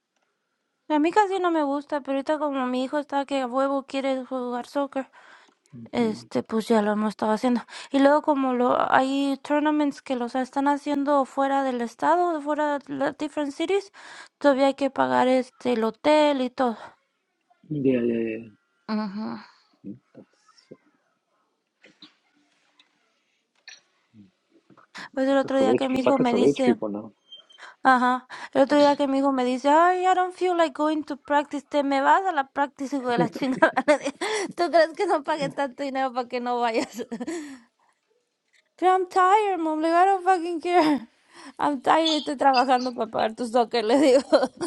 A mí casi no me gusta, pero ahorita como mi hijo está que a huevo quiere jugar soccer, Mm. este, pues ya lo hemos estado haciendo. Y luego como lo, hay tournaments que los están haciendo fuera del estado, fuera de las different cities, todavía hay que pagar este, el hotel y todo. Yeah, yeah, yeah. Ujú. Pues el It's otro for día rich que people. mi hijo Soccer's me for rich dice, people now. ajá, el otro día que mi hijo me dice, ay, I don't feel like going to practice, te me vas a la practice, hijo de la chingada. <laughs> Le dije, ¿Tú crees que no pagué tanto dinero para que no vayas? <laughs> But I'm tired, mom. Like, I don't fucking care. <laughs> I'm tired. Estoy trabajando para pagar tus soccer, le digo. <laughs>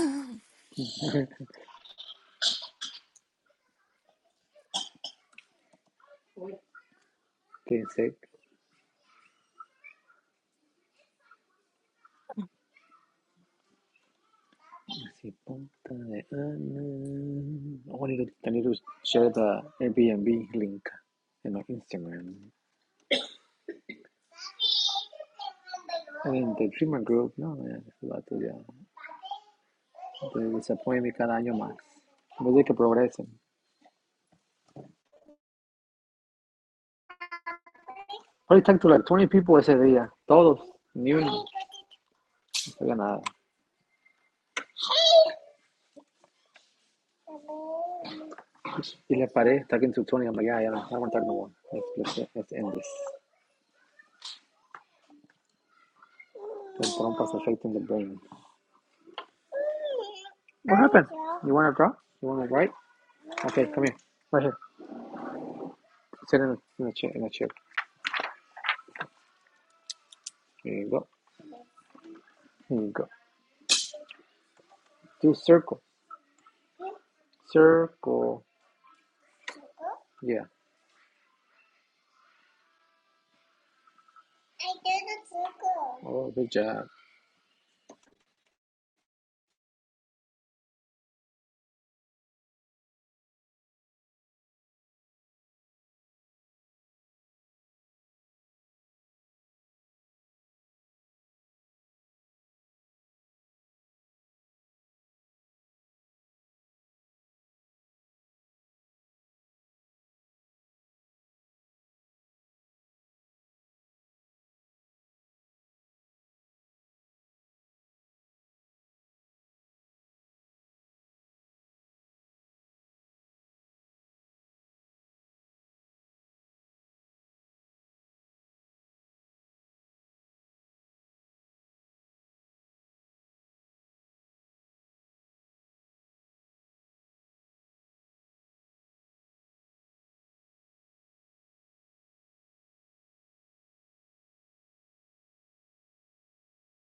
Okay, sick. Let's see. Punta de Ana. Oh, I need to, share the Airbnb link en my Instagram. En The Dreamer Group, ¿no? Eh, Ese vato ya. Entonces, se apoyan cada año más. En vez de que progresen. Hoy to like 20 people ese día. Todos. Ni uno. No sabía nada. Y le paré. Está en su I'm like, yeah, yeah, I don't want to talk no more. Let's, let's, let's end this. The trompas affecting the brain. What happened? You want to draw? You want to write? Okay, come here. Right here. Sit in, a, in the chair. In the chair. Here you go. Here you go. Do circle. Circle. Yeah. Oh, good job.